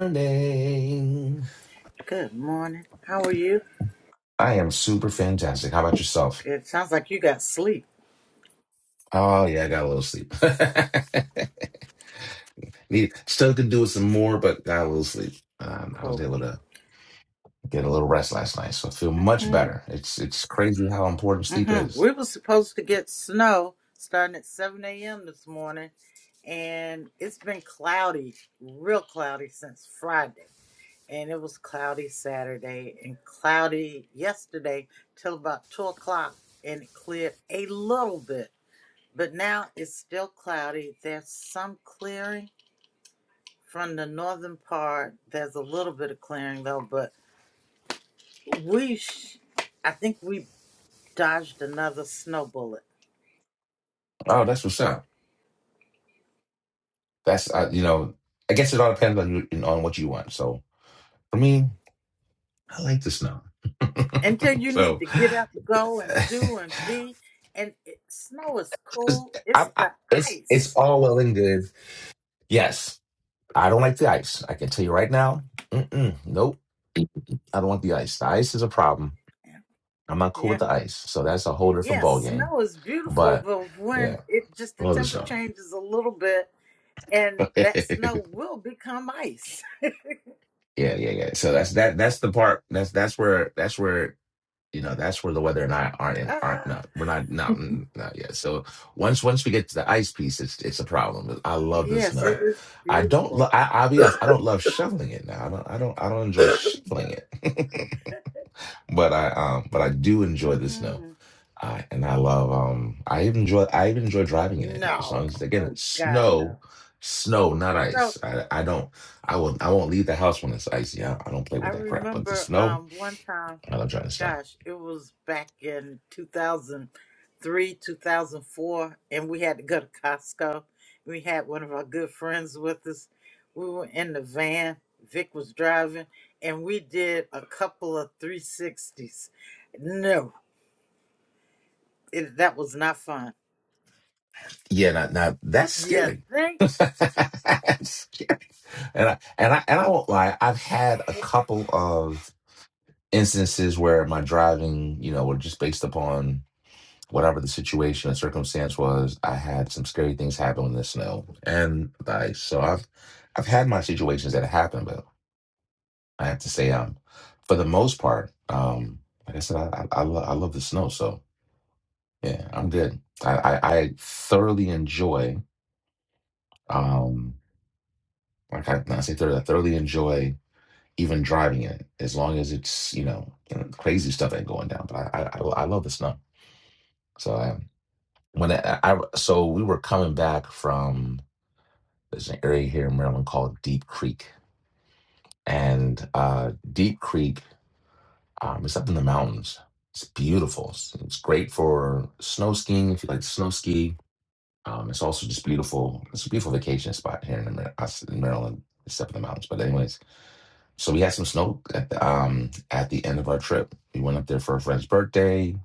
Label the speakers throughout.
Speaker 1: morning.
Speaker 2: Good morning. How are you?
Speaker 1: I am super fantastic. How about yourself?
Speaker 2: Good. Sounds like you got sleep.
Speaker 1: Oh yeah, I got a little sleep. Need still could do with some more, but got a little sleep. Um, I was
Speaker 2: Cool.
Speaker 1: able to get a little rest last night, so I feel much
Speaker 2: Mm-hmm.
Speaker 1: better. It's it's crazy how important sleep
Speaker 2: Mm-hmm.
Speaker 1: is.
Speaker 2: We were supposed to get snow starting at 7 a.m. this morning, and it's been cloudy, real cloudy since Friday. And it was cloudy Saturday and cloudy yesterday till about 2 o'clock, and it cleared a little bit. But now it's still cloudy. There's some clearing from the northern part. There's a little bit of clearing, though, but We, sh- I think we dodged another snow bullet.
Speaker 1: Oh, that's what's up. That's uh, you know, I guess it all depends on you on what you want. So for me, I like the snow.
Speaker 2: Until you need
Speaker 1: so
Speaker 2: to get up, go and do and be, and it, snow is
Speaker 1: it's,
Speaker 2: cool. It's
Speaker 1: I, I,
Speaker 2: the
Speaker 1: it's it's
Speaker 2: ice.
Speaker 1: all well and good. Yes, I don't like the ice. I can tell you right now. Mm-mm, nope. I don't want the ice. The ice is a problem.
Speaker 2: Yeah,
Speaker 1: I'm not cool
Speaker 2: yeah,
Speaker 1: with the ice. So that's a whole different
Speaker 2: yeah.
Speaker 1: ball game.
Speaker 2: Snow is beautiful,
Speaker 1: But
Speaker 2: but
Speaker 1: yeah,
Speaker 2: when it just
Speaker 1: I
Speaker 2: the
Speaker 1: love the
Speaker 2: temperature
Speaker 1: snow.
Speaker 2: changes a little bit, and
Speaker 1: yeah,
Speaker 2: that snow will become ice.
Speaker 1: yeah, yeah. So that's that. That's the part. That's that's where that's where you know that's where the weather and I aren't in, aren't
Speaker 2: Ah,
Speaker 1: not we're not not not yet. So once once we get to the ice piece, it's it's a problem. I love the
Speaker 2: yes, it
Speaker 1: snow.
Speaker 2: is
Speaker 1: I don't. Lo-
Speaker 2: beautiful.
Speaker 1: I, I'll be honest. I don't love shoveling it now. I don't. I don't. I don't enjoy shoveling it. But I um but I do enjoy the snow.
Speaker 2: Mm-hmm.
Speaker 1: I and I love um I even enjoy I even enjoy driving in it as
Speaker 2: No,
Speaker 1: long as again
Speaker 2: oh
Speaker 1: it's
Speaker 2: God, no.
Speaker 1: snow, snow, not
Speaker 2: So
Speaker 1: ice. I I don't I will I won't leave the house when it's icy. I, I don't play
Speaker 2: I
Speaker 1: with that crap. But the
Speaker 2: remember
Speaker 1: snow,
Speaker 2: um one time.
Speaker 1: I love driving snow.
Speaker 2: gosh, it was back in 2003, 2004, and we had to go to Costco. We had one of our good friends with us. We were in the van, Vic was driving, and we did a couple of 360s. No, it, that was not fun.
Speaker 1: Yeah, now, now that's
Speaker 2: Yeah,
Speaker 1: scary.
Speaker 2: think?
Speaker 1: That's scary. And I and I and I won't lie, I've had a couple of instances where my driving, you know, were just based upon whatever the situation and circumstance was, I had some scary things happen in the snow and the ice. So I've I've had my situations that happen, but I have to say, um, for the most part, um, like I said, I I, I, lo- I love the snow. So yeah, I'm good. I I, I thoroughly enjoy. Um, like I, I say, thoroughly, I thoroughly enjoy even driving it, as long as it's you know crazy stuff ain't going down. But I I, I I love the snow. So I when I, I so we were coming back from There's an area here in Maryland called Deep Creek, and uh, Deep Creek um, is up in the mountains. It's beautiful. It's, it's great for snow skiing if you like to snow ski. Um, it's also just beautiful. It's a beautiful vacation spot here in, Amer- us in Maryland. It's up in the mountains, but anyways. So we had some snow at the, um, at the end of our trip. We went up there for a friend's birthday,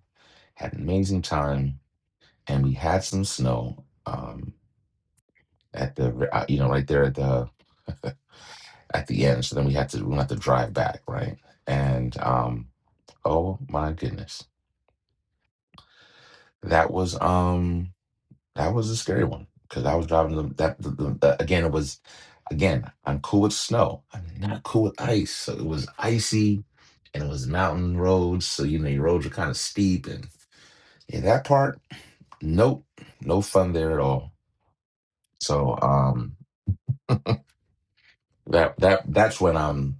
Speaker 1: had an amazing time, and we had some snow um, at the uh, you know right there at the at the end. So then we had to we had to drive back, right? And um, oh my goodness, that was um that was a scary one because I was driving the, that the, the, the- again. It was again. I'm cool with snow. I'm not cool with ice. So it was icy, and it was mountain roads. So you know your roads were kind of steep, and yeah, that part, nope, no fun there at all. So um, that that that's when I'm.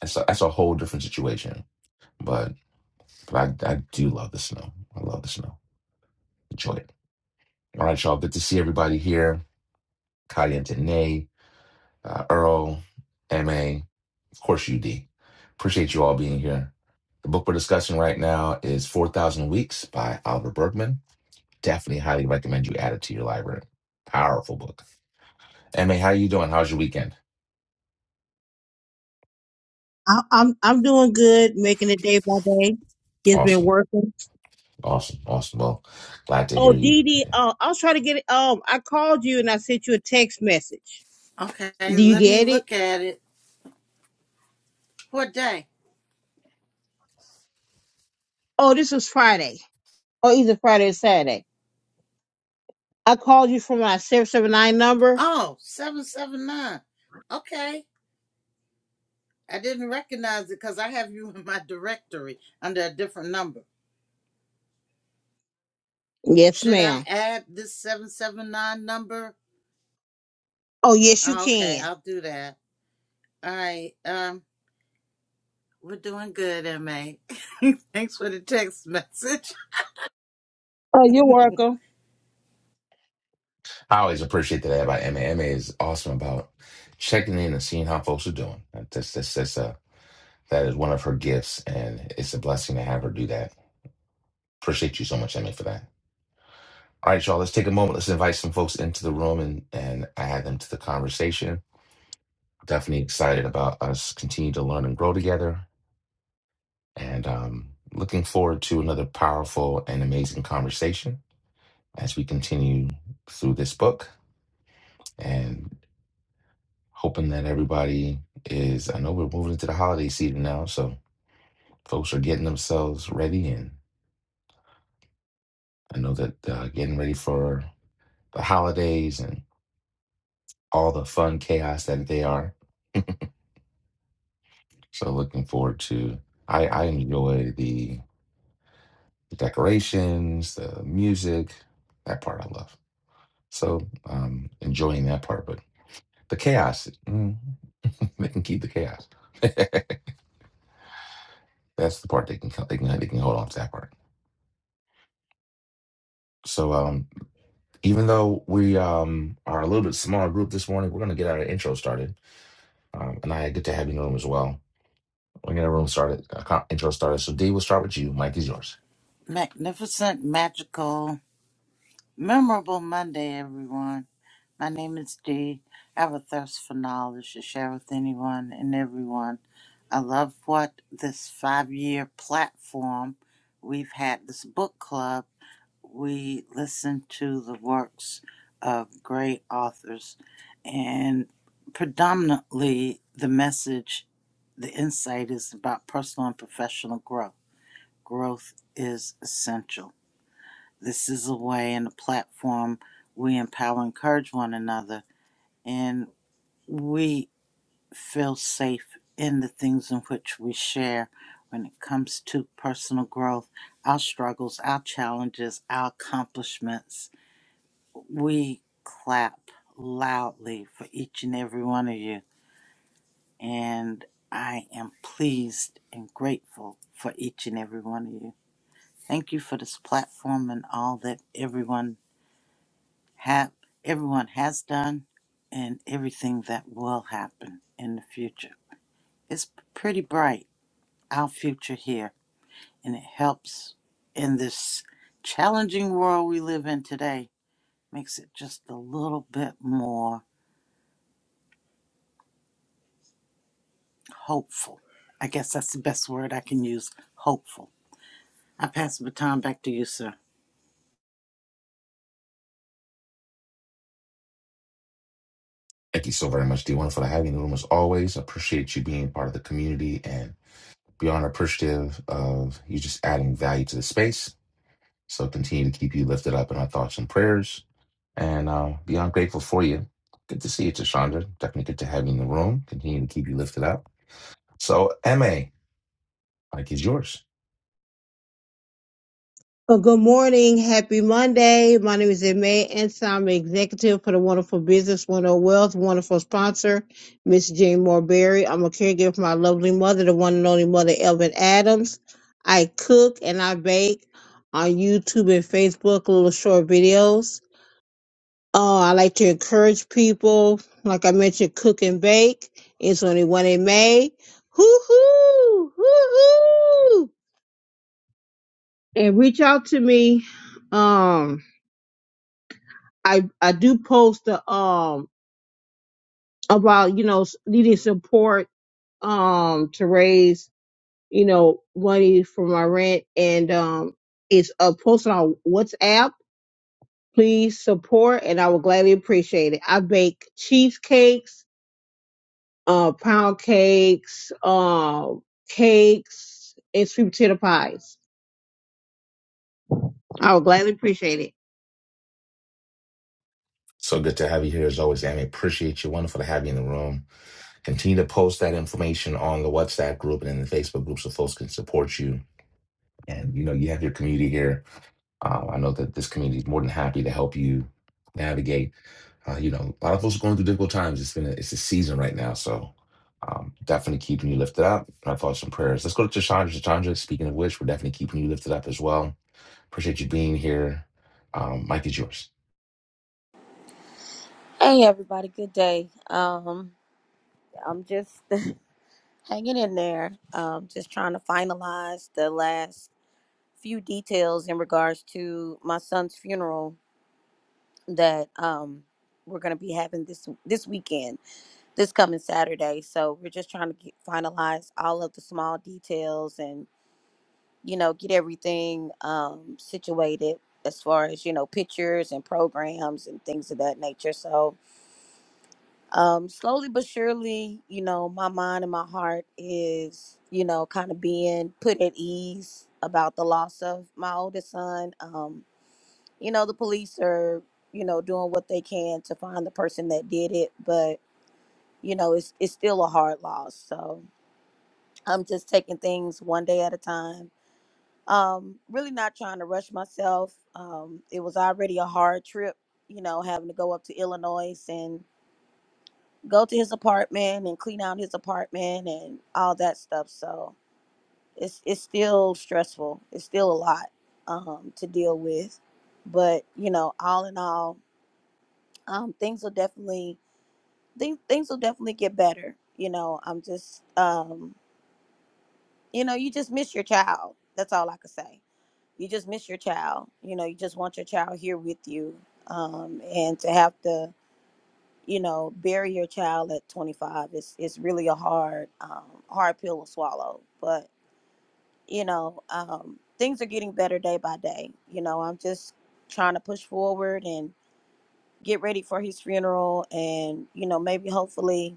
Speaker 1: That's a, that's a whole different situation. but. But I, I do love the snow. I love the snow. Enjoy it. All right, y'all. Good to see everybody here. Kayente Nay, uh, Earl, MA, of course, UD. Appreciate you all being here. The book we're discussing right now is 4,000 Weeks by Oliver Bergman. Definitely highly recommend you add it to your library. Powerful book. MA, how you doing? How's your weekend?
Speaker 3: I, I'm I'm doing good, making it day by day. It's been
Speaker 1: Awesome.
Speaker 3: working.
Speaker 1: Awesome. Awesome. Well, glad to
Speaker 3: Oh,
Speaker 1: hear you.
Speaker 3: Dee Dee,
Speaker 1: Yeah.
Speaker 3: uh, I was trying to get it. Um, I called you and I sent you a text message.
Speaker 2: Okay,
Speaker 3: Do you
Speaker 2: let me
Speaker 3: get it?
Speaker 2: look at it. What day?
Speaker 3: Oh, this was Friday. or either Friday or Saturday. I called you from my seven seven nine number.
Speaker 2: Oh, 779. Okay. I didn't recognize it because I have you in my directory under a different number.
Speaker 3: Yes,
Speaker 2: Should I
Speaker 3: ma'am.
Speaker 2: add this 779 number?
Speaker 3: Oh, yes, you
Speaker 2: Oh, okay,
Speaker 3: can.
Speaker 2: I'll do that. All right. Um, we're doing good, MA. Thanks for the text message.
Speaker 3: Oh, you're welcome.
Speaker 1: I always appreciate that about Emma. Emma is awesome about checking in and seeing how folks are doing. That's that's that's a that is one of her gifts, and it's a blessing to have her do that. Appreciate you so much, Emma, for that. All right, y'all. Let's take a moment. Let's invite some folks into the room and and add them to the conversation. Definitely excited about us continue to learn and grow together, and um, looking forward to another powerful and amazing conversation as we continue through this book. and. hoping that everybody is. I know we're moving into the holiday season now, so folks are getting themselves ready, and I know that uh, getting ready for the holidays and all the fun chaos that they are. So looking forward to. I I enjoy the decorations, the music, that part I love. So um, enjoying that part, but the chaos, mm, they can keep the chaos. That's the part they can they can they can hold on to that part. So um. Even though we um, are a little bit smaller group this morning, we're going to get our intro started. Um, and I get to have you in the room as well. We're going to get our room started, uh, co- intro started. So, D, we'll start with you. Mike is yours.
Speaker 2: Magnificent, magical, memorable Monday, everyone. My name is Dee. I have a thirst for knowledge to share with anyone and everyone. I love what this five year platform we've had, this book club. we listen to the works of great authors and predominantly the message the insight is about personal and professional growth growth is essential this is a way and a platform we empower encourage one another and we feel safe in the things in which we share when it comes to personal growth our struggles our challenges our accomplishments we clap loudly for each and every one of you, and I am pleased and grateful for each and every one of you. Thank you for this platform and all that everyone have everyone has done and everything that will happen in the future. It's pretty bright our future here and it helps in this challenging world we live in today makes it just a little bit more hopeful. I guess that's the best word I can use hopeful. I pass the baton back to you, sir.
Speaker 1: Thank you so very much, D. Wonderful to have you in the room as always. Appreciate you being part of the community and beyond appreciative of you just adding value to the space. So continue to keep you lifted up in our thoughts and prayers. and uh, beyond grateful for you. Good to see you, Tashandra. Definitely good to have you in the room. Continue to keep you lifted up. So, MA, like is yours.
Speaker 3: Well, good morning. Happy Monday. My name is May Anson. I'm executive for the Wonderful Business, Wonderful Wealth, wonderful sponsor, Miss Jane Morberry. I'm a caregiver for my lovely mother, the one and only mother, Elvin Adams. I cook and I bake on YouTube and Facebook, little short videos. Uh, I like to encourage people, like I mentioned, cook and bake. It's only one in May. Hoo hoo! Hoo hoo! And reach out to me. Um, I I do post the um about you know s- needing support um to raise you know money for my rent and um it's a posted on WhatsApp. Please support and I will gladly appreciate it. I bake cheesecakes, uh pound cakes, um cakes and sweet potato pies. I would gladly appreciate it.
Speaker 1: So good to have you here as always, MA. Appreciate you. Wonderful to have you in the room. Continue to post that information on the WhatsApp group and in the Facebook group so folks can support you. And you know, you have your community here Uh, I know that this community is more than happy to help you navigate. Uh, you know, a lot of folks are going through difficult times. It's been a, it's a season right now, so um, definitely keeping you lifted up. My thoughts and prayers. Let's go to Chandra. Chandra, speaking of which, we're definitely keeping you lifted up as well. Appreciate you being here. Um, Mike is yours.
Speaker 4: Hey everybody, good day. Um, I'm just hanging in there. Um, just trying to finalize the last few details in regards to my son's funeral that um we're gonna be having this this weekend, this coming Saturday. So we're just trying to get, finalize all of the small details and you know get everything um situated as far as you know pictures and programs and things of that nature. So um, slowly but surely, you know, my mind and my heart is, you know, kind of being put at ease about the loss of my oldest son. Um, you know, the police are, you know, doing what they can to find the person that did it, but you know, it's it's still a hard loss. So I'm just taking things one day at a time. Um, really not trying to rush myself. Um, it was already a hard trip, you know, having to go up to Illinois and. go to his apartment and clean out his apartment and all that stuff. So it's it's still stressful. It's still a lot um, to deal with, but you know, all in all, um, things will definitely things things will definitely get better. You know, I'm just um, you know, you just miss your child. That's all I could say. You just miss your child. You know, you just want your child here with you, um, and to have to you know, bury your child at 25 It's it's really a hard um, hard pill to swallow. But you know, um, things are getting better day by day. You know, I'm just trying to push forward and get ready for his funeral, and you know, maybe hopefully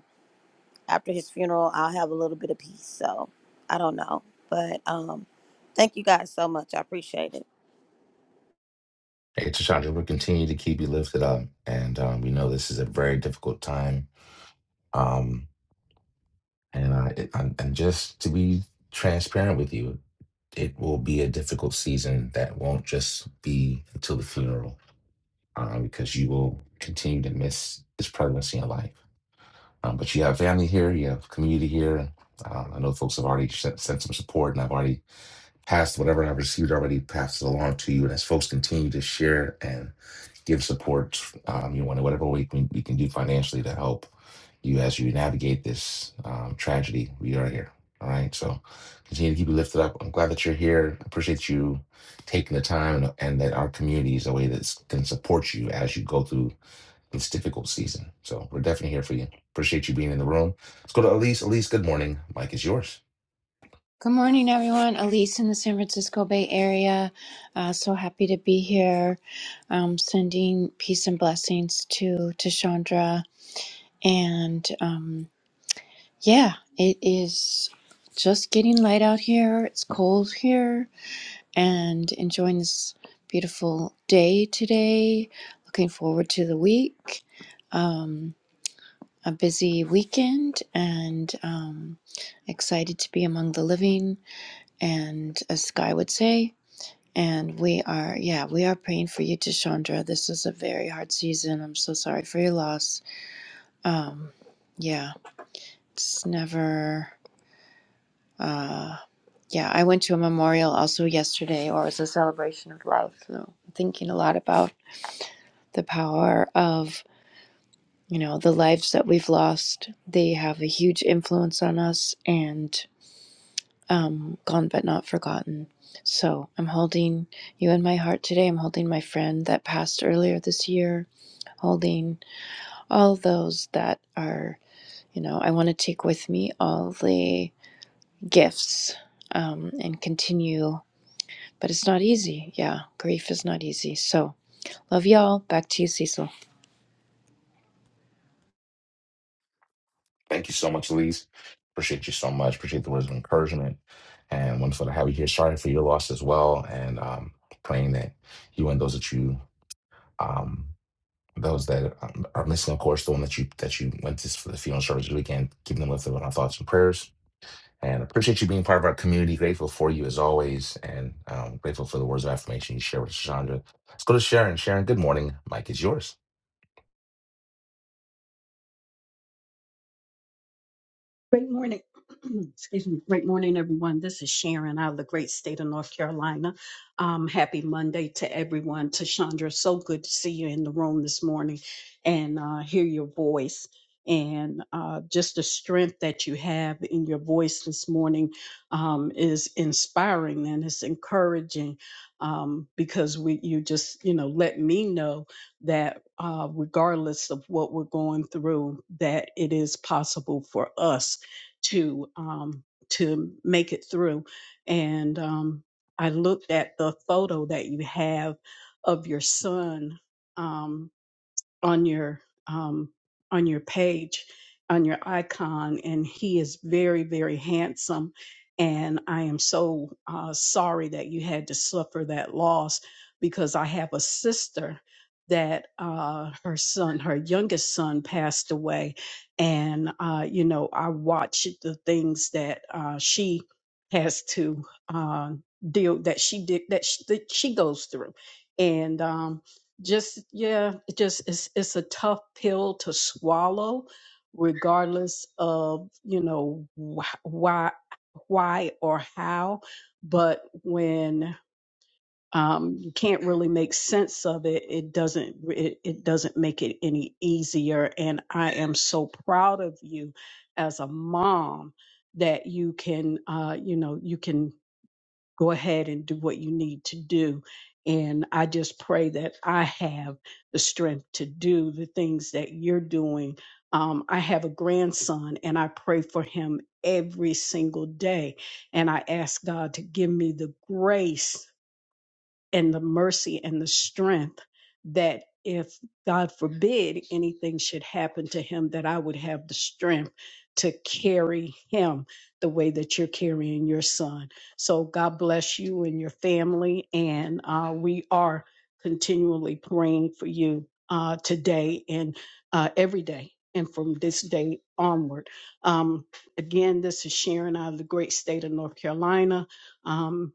Speaker 4: after his funeral, I'll have a little bit of peace. So I don't know, but um, thank you guys so much. I appreciate it.
Speaker 1: Hey, Chandra, we'll continue to keep you lifted up, and um, we know this is a very difficult time. Um, And I, it, I'm, and just to be transparent with you, it will be a difficult season that won't just be until the funeral, um, because you will continue to miss this pregnancy in life. Um, but you have family here, you have community here. Um, I know folks have already sent, sent some support, and I've already passed whatever I've received already passed it along to you. And as folks continue to share and give support, um, you know, in whatever way we, we can do financially to help you as you navigate this um, tragedy we are here. All right. So continue to keep you lifted up. I'm glad that you're here. Appreciate you taking the time and, and that our community is a way that can support you as you go through this difficult season. So we're definitely here for you. Appreciate you being in the room. Let's go to Elise. Elise, good morning. Mike is yours.
Speaker 5: Good morning, everyone. Elise in the San Francisco Bay Area. Uh, so happy to be here. Um, sending peace and blessings to to Chandra. And um, yeah, it is just getting light out here. It's cold here, and enjoying this beautiful day today. Looking forward to the week. Um, a busy weekend, and um, excited to be among the living and as Sky would say. And we are, yeah, we are praying for you, Chandra. This is a very hard season. I'm so sorry for your loss. Um, yeah, it's never, uh, yeah, I went to a memorial also yesterday, or it's a celebration of life. So I'm thinking a lot about the power of, you know, the lives that we've lost. They have a huge influence on us, and. um, gone but not forgotten. So I'm holding you in my heart today. I'm holding my friend that passed earlier this year, holding all those that are, you know, I want to take with me all the gifts um, and continue. But it's not easy. Yeah, grief is not easy. So love y'all. Back to you, Cecil.
Speaker 1: Thank you so much, Elise. Appreciate you so much. Appreciate the words of encouragement. And wonderful to have you here. Sorry for your loss as well. And um, praying that you and those that you, um, those that um, are missing, of course, the one that you that you went to for the funeral service this weekend, keeping them lifted in our thoughts and prayers. And appreciate you being part of our community. Grateful for you as always. And um, grateful for the words of affirmation you share with Chandra. Let's go to Sharon. Sharon, good morning. Mike is yours.
Speaker 6: Great morning. Excuse me. Great morning, everyone. This is Sharon out of the great state of North Carolina. Um, happy Monday to everyone. To Chandra, so good to see you in the room this morning and uh, hear your voice and uh, just the strength that you have in your voice this morning um, is inspiring and it's encouraging um, because we you just you know let me know that uh, regardless of what we're going through that it is possible for us to um, to make it through. And um, I looked at the photo that you have of your son. Um, on your um, on your page on your icon and he is very very handsome and i am so uh, sorry that you had to suffer that loss because i have a sister that uh, her son her youngest son passed away and uh, you know i watched the things that uh, she has to uh, deal that she did that she, that she goes through and um, just yeah it just it's it's a tough pill to swallow regardless of you know wh- why why or how but when um you can't really make sense of it it doesn't it, it doesn't make it any easier and i am so proud of you as a mom that you can uh you know you can go ahead and do what you need to do. And I just pray that I have the strength to do the things that you're doing. Um, I have a grandson and I pray for him every single day. And I ask God to give me the grace and the mercy and the strength that if God forbid anything should happen to him, that I would have the strength to carry him the way that you're carrying your son. So God bless you and your family. And uh, we are continually praying for you uh, today and uh, every day and from this day onward. Um, again, this is Sharon out of the great state of North Carolina. Um,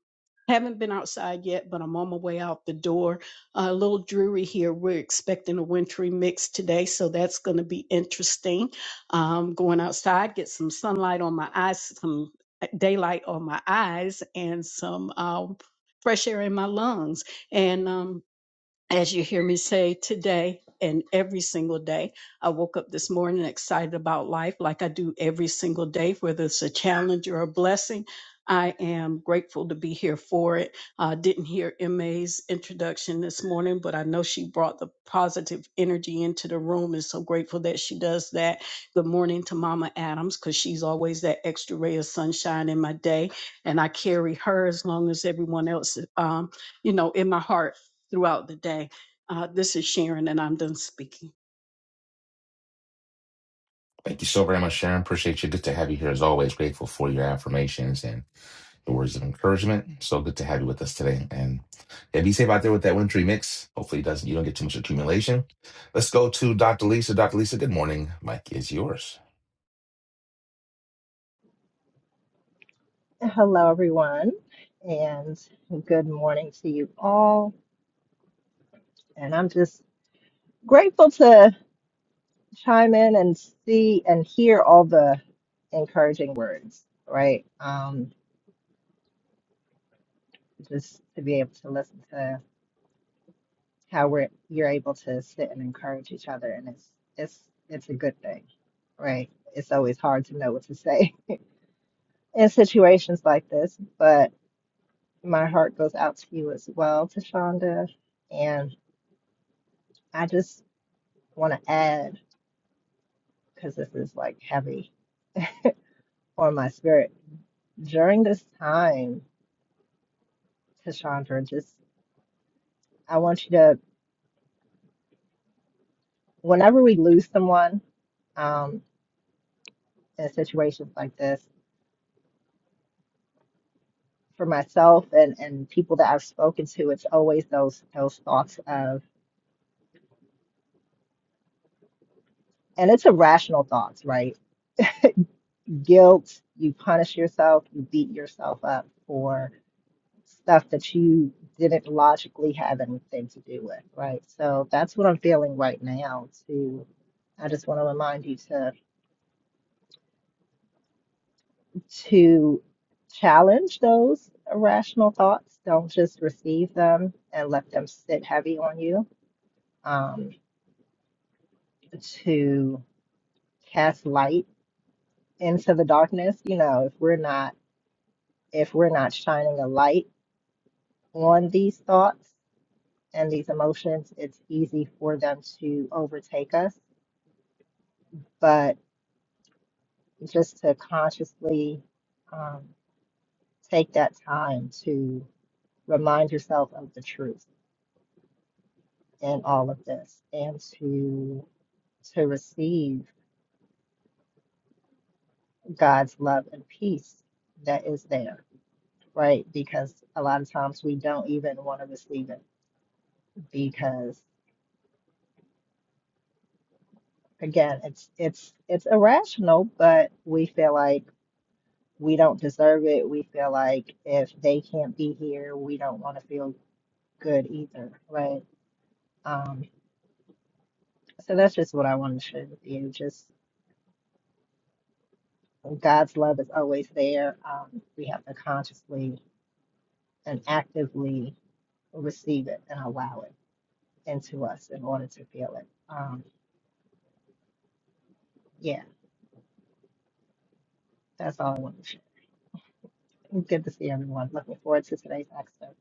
Speaker 6: haven't been outside yet, but I'm on my way out the door. Uh, a little dreary here. We're expecting a wintry mix today, so that's going to be interesting. Um, going outside, get some sunlight on my eyes, some eh, daylight on my eyes, and some um, fresh air in my lungs. And um, as you hear me say today and every single day. I woke up this morning excited about life like I do every single day, whether it's a challenge or a blessing. I am grateful to be here for it. I didn't hear MA's introduction this morning, but I know she brought the positive energy into the room and so grateful that she does that. Good morning to Mama Adams because she's always that extra ray of sunshine in my day. And I carry her as long as everyone else um, you know, in my heart throughout the day. Uh, this is Sharon, and I'm done speaking.
Speaker 1: Thank you so very much, Sharon. Appreciate you. Good to have you here as always. Grateful for your affirmations. and. the words of encouragement. So good to have you with us today. And yeah, be safe out there with that wintry mix. Hopefully it doesn't you don't get too much accumulation. Let's go to Dr. Lisa. Dr. Lisa, good morning. Mike is yours.
Speaker 7: Hello, everyone, and good morning to you all. And I'm just grateful to chime in and see and hear all the encouraging words, right? Um, just to be able to listen to how we're you're able to sit and encourage each other, and it's it's it's a good thing, right? It's always hard to know what to say in situations like this, but my heart goes out to you as well, to Shonda, and I just want to add, because this is like heavy on my spirit, during this time, Tashandra, just I want you to, whenever we lose someone um, in situations like this, for myself and, and people that I've spoken to, it's always those those thoughts of, and it's irrational thoughts, right? Guilt, you punish yourself, you beat yourself up for stuff that you didn't logically have anything to do with, right? So that's what I'm feeling right now to I just want to remind you to to challenge those irrational thoughts. Don't just receive them and let them sit heavy on you. Um, to cast light into the darkness. You know, if we're not if we're not shining a light on these thoughts and these emotions, it's easy for them to overtake us. But just to consciously um, take that time to remind yourself of the truth in all of this and to to receive God's love and peace that is there, right? Because a lot of times we don't even want to receive it because again, it's it's it's irrational, but we feel like we don't deserve it. We feel like if they can't be here, we don't want to feel good either, right? Um, So that's just what I wanted to share with you. Just God's love is always there. Um, we have to consciously and actively receive it and allow it into us in order to feel it. Um, yeah, that's all I wanted to share. Good to see everyone. Looking forward to today's excerpt.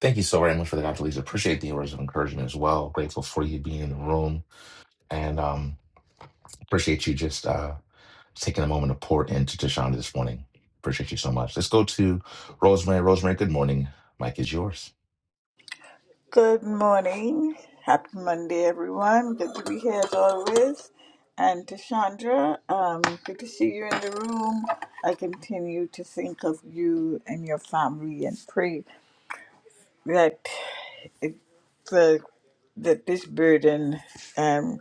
Speaker 1: Thank you so very much for the Dr. Lisa. Appreciate the words of encouragement as well. Grateful for you being in the room and um, appreciate you just uh, taking a moment to pour into Tashonda this morning. Appreciate you so much. Let's go to Rosemary. Rosemary, good morning. Mike is yours.
Speaker 8: Good morning. Happy Monday, everyone. Good to be here as always. And to Chandra, um, good to see you in the room. I continue to think of you and your family and pray that it, the, that this burden um,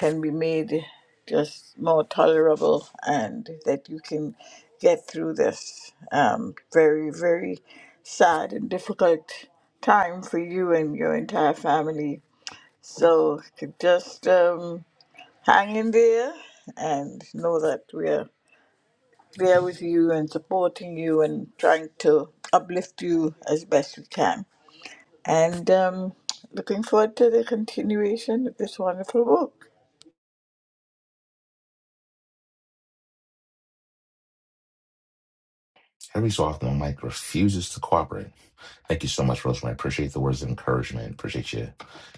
Speaker 8: can be made just more tolerable and that you can get through this um, very, very sad and difficult time for you and your entire family so just um, hang in there and know that we're there with you and supporting you and trying to uplift you as best we can. And um, looking forward to the continuation of this wonderful book.
Speaker 1: Every so often, my mic refuses to cooperate. Thank you so much, Rosemary. Appreciate the words of encouragement. Appreciate you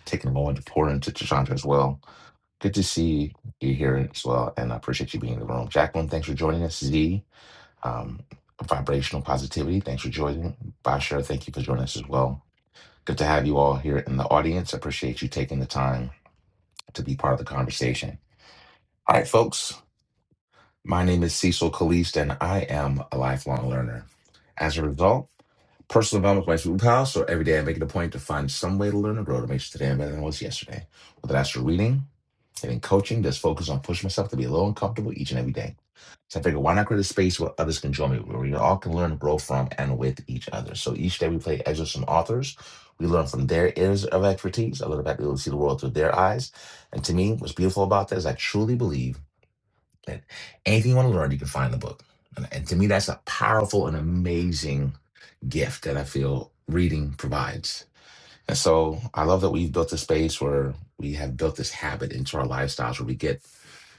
Speaker 1: taking a moment to pour into Chandra as well. Good to see you here as well, and I appreciate you being in the room. Jacqueline, thanks for joining us. Z, um, Vibrational Positivity, thanks for joining. Basher, thank you for joining us as well. Good to have you all here in the audience. I appreciate you taking the time to be part of the conversation. All right, folks, my name is Cecil Caliste, and I am a lifelong learner. As a result, Personal development is my superpower, so every day I make it a point to find some way to learn and grow to make sure today I'm better than I was yesterday. Whether that's through reading, getting coaching, just focus on pushing myself to be a little uncomfortable each and every day. So I figured, why not create a space where others can join me, where we all can learn and grow from and with each other. So each day we play excerpts from authors. We learn from their areas of expertise. I learn about being able to see the world through their eyes. And to me, what's beautiful about that is I truly believe that anything you want to learn, you can find in the book. And, and to me, that's a powerful and amazing gift that I feel reading provides. And so I love that we've built a space where we have built this habit into our lifestyles where we get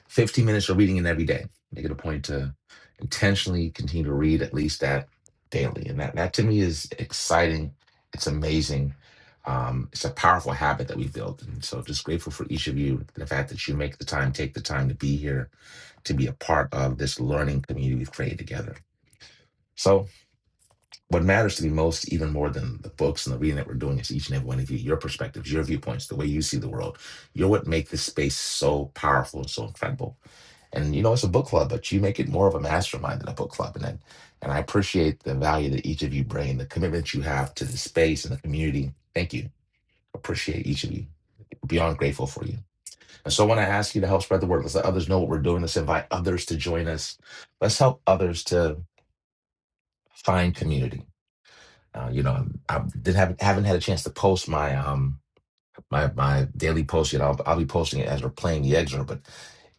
Speaker 1: 15 minutes of reading in every day. Make it a point to intentionally continue to read at least that daily. And that, that to me is exciting. It's amazing. Um, it's a powerful habit that we've built. And so just grateful for each of you, the fact that you make the time, take the time to be here, to be a part of this learning community we've created together. So what matters to me most, even more than the books and the reading that we're doing, is each and every one of you, your perspectives, your viewpoints, the way you see the world. You're what make this space so powerful and so incredible. And you know, it's a book club, but you make it more of a mastermind than a book club. And then, and I appreciate the value that each of you bring, the commitment you have to the space and the community. Thank you. Appreciate each of you. Beyond grateful for you. And so, when I ask you to help spread the word, let's let others know what we're doing. Let's invite others to join us. Let's help others to find community uh, you know, I did not have haven't had a chance to post my um my my daily post yet. I'll I'll be posting it as we're playing the excerpt. But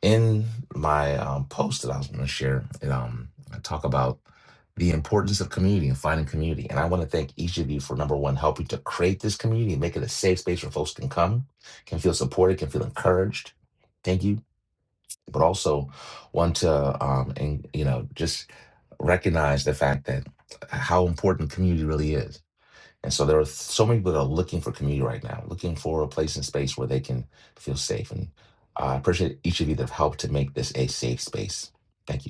Speaker 1: in my um, post that I was going to share, it, um, I talk about the importance of community and finding community. And I want to thank each of you for number one helping to create this community and make it a safe space where folks can come, can feel supported, can feel encouraged. Thank you. But also want to um and you know just recognize the fact that how important community really is and so there are so many people that are looking for community right now, looking for a place and space where they can feel safe. And I appreciate each of you that have helped to make this a safe space. Thank you.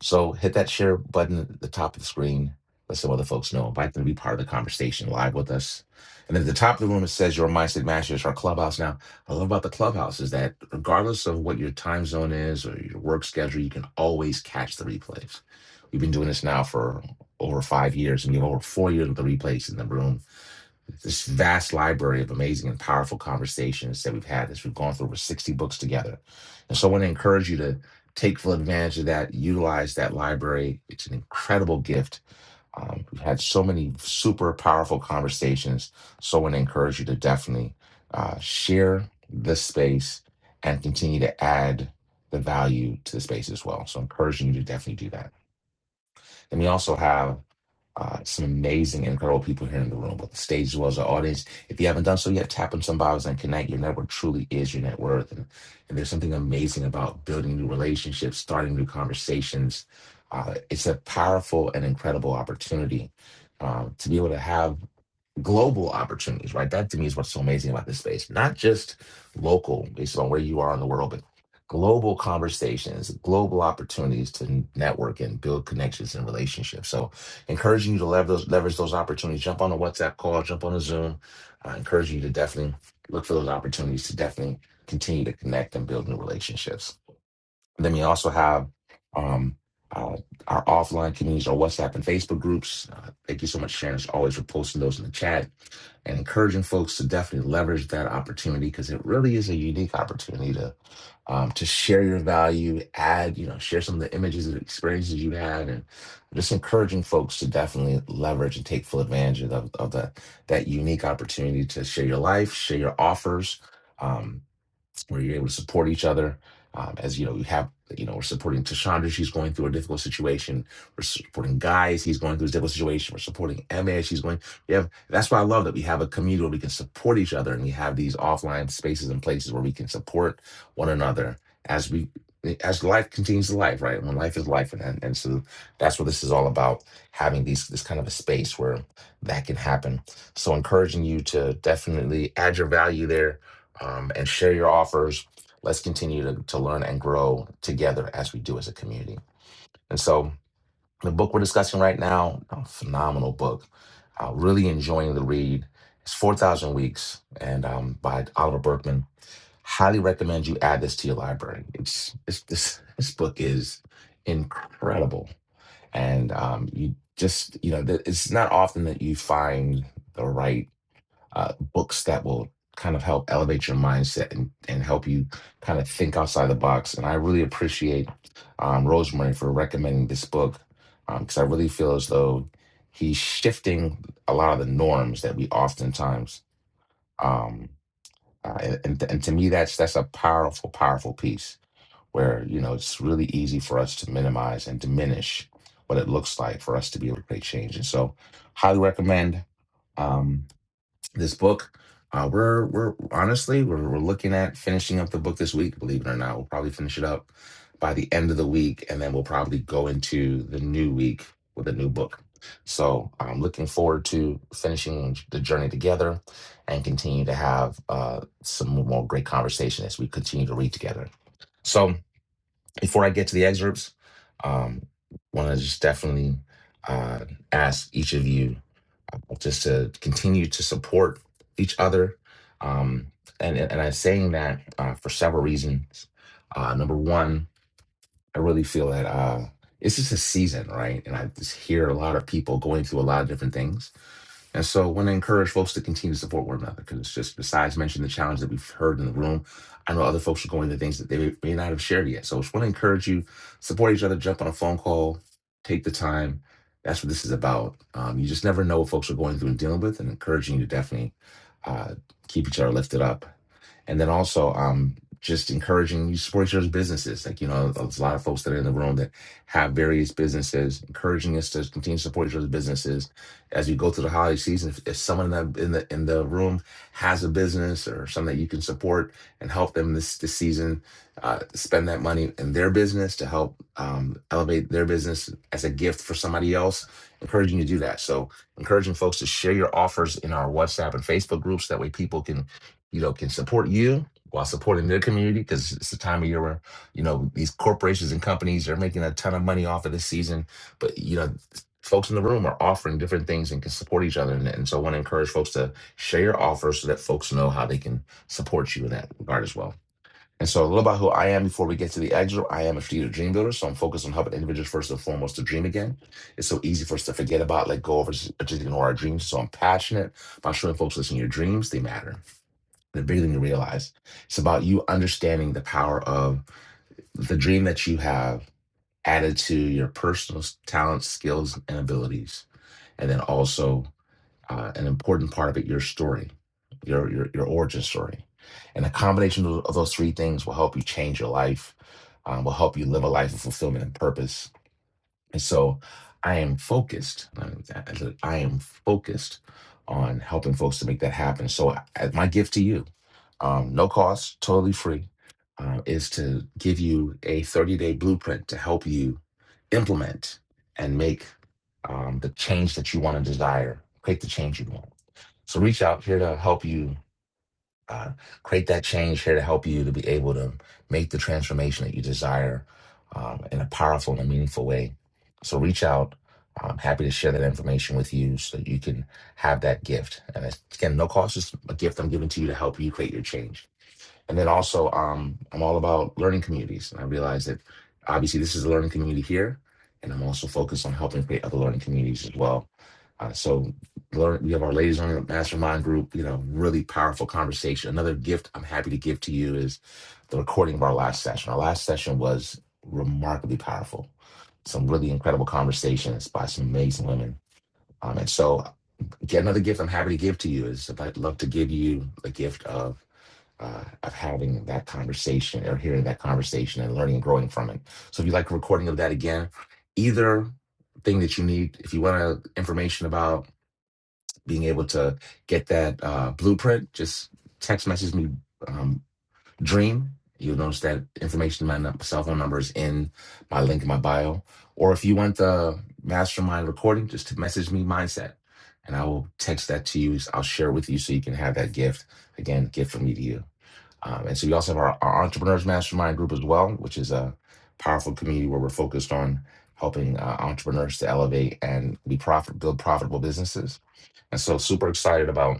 Speaker 1: So hit that share button at the top of the screen. Let some other folks know. Invite them to be part of the conversation live with us. And then at the top of the room, it says your mindset Masters" our clubhouse. Now, what I love about the clubhouse is that regardless of what your time zone is or your work schedule, you can always catch the replays. We've been doing this now for over five years, and we have over four years with the replays in the room this vast library of amazing and powerful conversations that we've had as we've gone through over 60 books together. And so I want to encourage you to take full advantage of that, utilize that library. It's an incredible gift. Um, we've had so many super powerful conversations. So I want to encourage you to definitely uh, share this space and continue to add the value to the space as well. So encouraging you to definitely do that. And we also have uh, some amazing, incredible people here in the room, both the stage as well as the audience. If you haven't done so yet, tap on some bios and connect. Your network truly is your net worth. And, and there's something amazing about building new relationships, starting new conversations. Uh, it's a powerful and incredible opportunity um, to be able to have global opportunities, right? That to me is what's so amazing about this space. Not just local, based on where you are in the world, but global conversations, global opportunities to network and build connections and relationships. So, encouraging you to leverage those, leverage those opportunities. Jump on a WhatsApp call, jump on a Zoom. I encourage you to definitely look for those opportunities to definitely continue to connect and build new relationships. Then we also have um, uh, our offline communities, our WhatsApp and Facebook groups. Uh, thank you so much, Sharon, as always, for posting those in the chat and encouraging folks to definitely leverage that opportunity because it really is a unique opportunity to um, to share your value, add, you know, share some of the images and experiences you had, and just encouraging folks to definitely leverage and take full advantage of, of that that unique opportunity to share your life, share your offers. Um, where you're able to support each other. Um, as you know, we have, you know, we're supporting Tashandra. She's going through a difficult situation. We're supporting guys. He's going through a difficult situation. We're supporting Emma. She's going, we have, that's why I love that we have a community where we can support each other and we have these offline spaces and places where we can support one another as we, as life continues to life, right? When life is life. And, and so that's what this is all about having these, this kind of a space where that can happen. So encouraging you to definitely add your value there um, and share your offers. Let's continue to, to learn and grow together as we do as a community. And so, the book we're discussing right now, a phenomenal book. Uh, really enjoying the read. It's 4,000 Weeks and um, by Oliver Berkman. Highly recommend you add this to your library. It's, it's this, this book is incredible. And um, you just, you know, th- it's not often that you find the right uh, books that will kind of help elevate your mindset and, and help you kind of think outside the box. And I really appreciate um, Rosemary for recommending this book because I really feel as though he's shifting a lot of the norms that we oftentimes um, uh, and, and and to me that's that's a powerful powerful piece where you know it's really easy for us to minimize and diminish what it looks like for us to be able to create change. And so, highly recommend. Um, this book. Uh, we're we're honestly we're, we're looking at finishing up the book this week. Believe it or not, we'll probably finish it up by the end of the week, and then we'll probably go into the new week with a new book. So I'm looking forward to finishing the journey together and continue to have uh, some more great conversation as we continue to read together. So before I get to the excerpts, um, want to just definitely uh, ask each of you uh, just to continue to support each other. Um, and, and I'm saying that uh, for several reasons. Uh, number one, I really feel that uh, it's just a season, right? And I just hear a lot of people going through a lot of different things. And so I want to encourage folks to continue to support one another because it's just besides mentioning the challenge that we've heard in the room, I know other folks are going through things that they may not have shared yet. So I just want to encourage you, support each other, jump on a phone call, take the time. That's what this is about. Um, you just never know what folks are going through and dealing with, and encouraging you to definitely uh, keep each other lifted up and then also, um, just encouraging you support each other's businesses. Like, you know, there's a lot of folks that are in the room that have various businesses, encouraging us to continue to support each other's businesses as we go through the holiday season. If, if someone in the, in the in the room has a business or something that you can support and help them this this season, uh, spend that money in their business to help um, elevate their business as a gift for somebody else. Encouraging you to do that. So encouraging folks to share your offers in our WhatsApp and Facebook groups. That way people can you know, can support you while supporting their community because it's the time of year where, you know, these corporations and companies are making a ton of money off of this season. But, you know, folks in the room are offering different things and can support each other. And, and so I want to encourage folks to share your offers so that folks know how they can support you in that regard as well. And so a little about who I am before we get to the exit. I am a strategic dream builder, so I'm focused on helping individuals first and foremost to dream again. It's so easy for us to forget about, let go of, or just ignore our dreams. So I'm passionate about showing folks, listen, your dreams, they matter they're bigger than you realize. It's about you understanding the power of the dream that you have added to your personal s- talents, skills, and abilities. And then also uh, an important part of it, your story, your, your, your origin story. And the combination of of those three things will help you change your life, um, will help you live a life of fulfillment and purpose. And so I am focused. um, I I- I am focused on helping folks to make that happen. So I- my gift to you um, no cost, totally free, uh, is to give you a 30 day blueprint to help you implement and make um, the change that you want to desire, create the change you want. So reach out here to help you uh, create that change, here to help you to be able to make the transformation that you desire um, in a powerful and a meaningful way. So reach out. I'm happy to share that information with you so that you can have that gift. And it's- again, no cost, it's a gift I'm giving to you to help you create your change. And then also, um, I'm all about learning communities. And I realize that obviously this is a learning community here, and I'm also focused on helping create other learning communities as well. Uh, so learn, we have our ladies on the mastermind group, you know, really powerful conversation. Another gift I'm happy to give to you is the recording of our last session. Our last session was remarkably powerful. Some really incredible conversations by some amazing women. Um, and so, again, another gift I'm happy to give to you is if I'd love to give you the gift of uh, of having that conversation or hearing that conversation and learning and growing from it. So if you like a recording of that again, either thing that you need, if you want uh, information about being able to get that uh, blueprint, just text message me um, Dream. You'll notice that information, my nu- cell phone number is in my link in my bio. Or if you want the mastermind recording, just to message me Mindset. And I will text that to you. I'll share it with you so you can have that gift. Again, gift from me to you. Um, and so we also have our, our Entrepreneurs Mastermind group as well, which is a powerful community where we're focused on helping uh, entrepreneurs to elevate and be profit, build profitable businesses. And so super excited about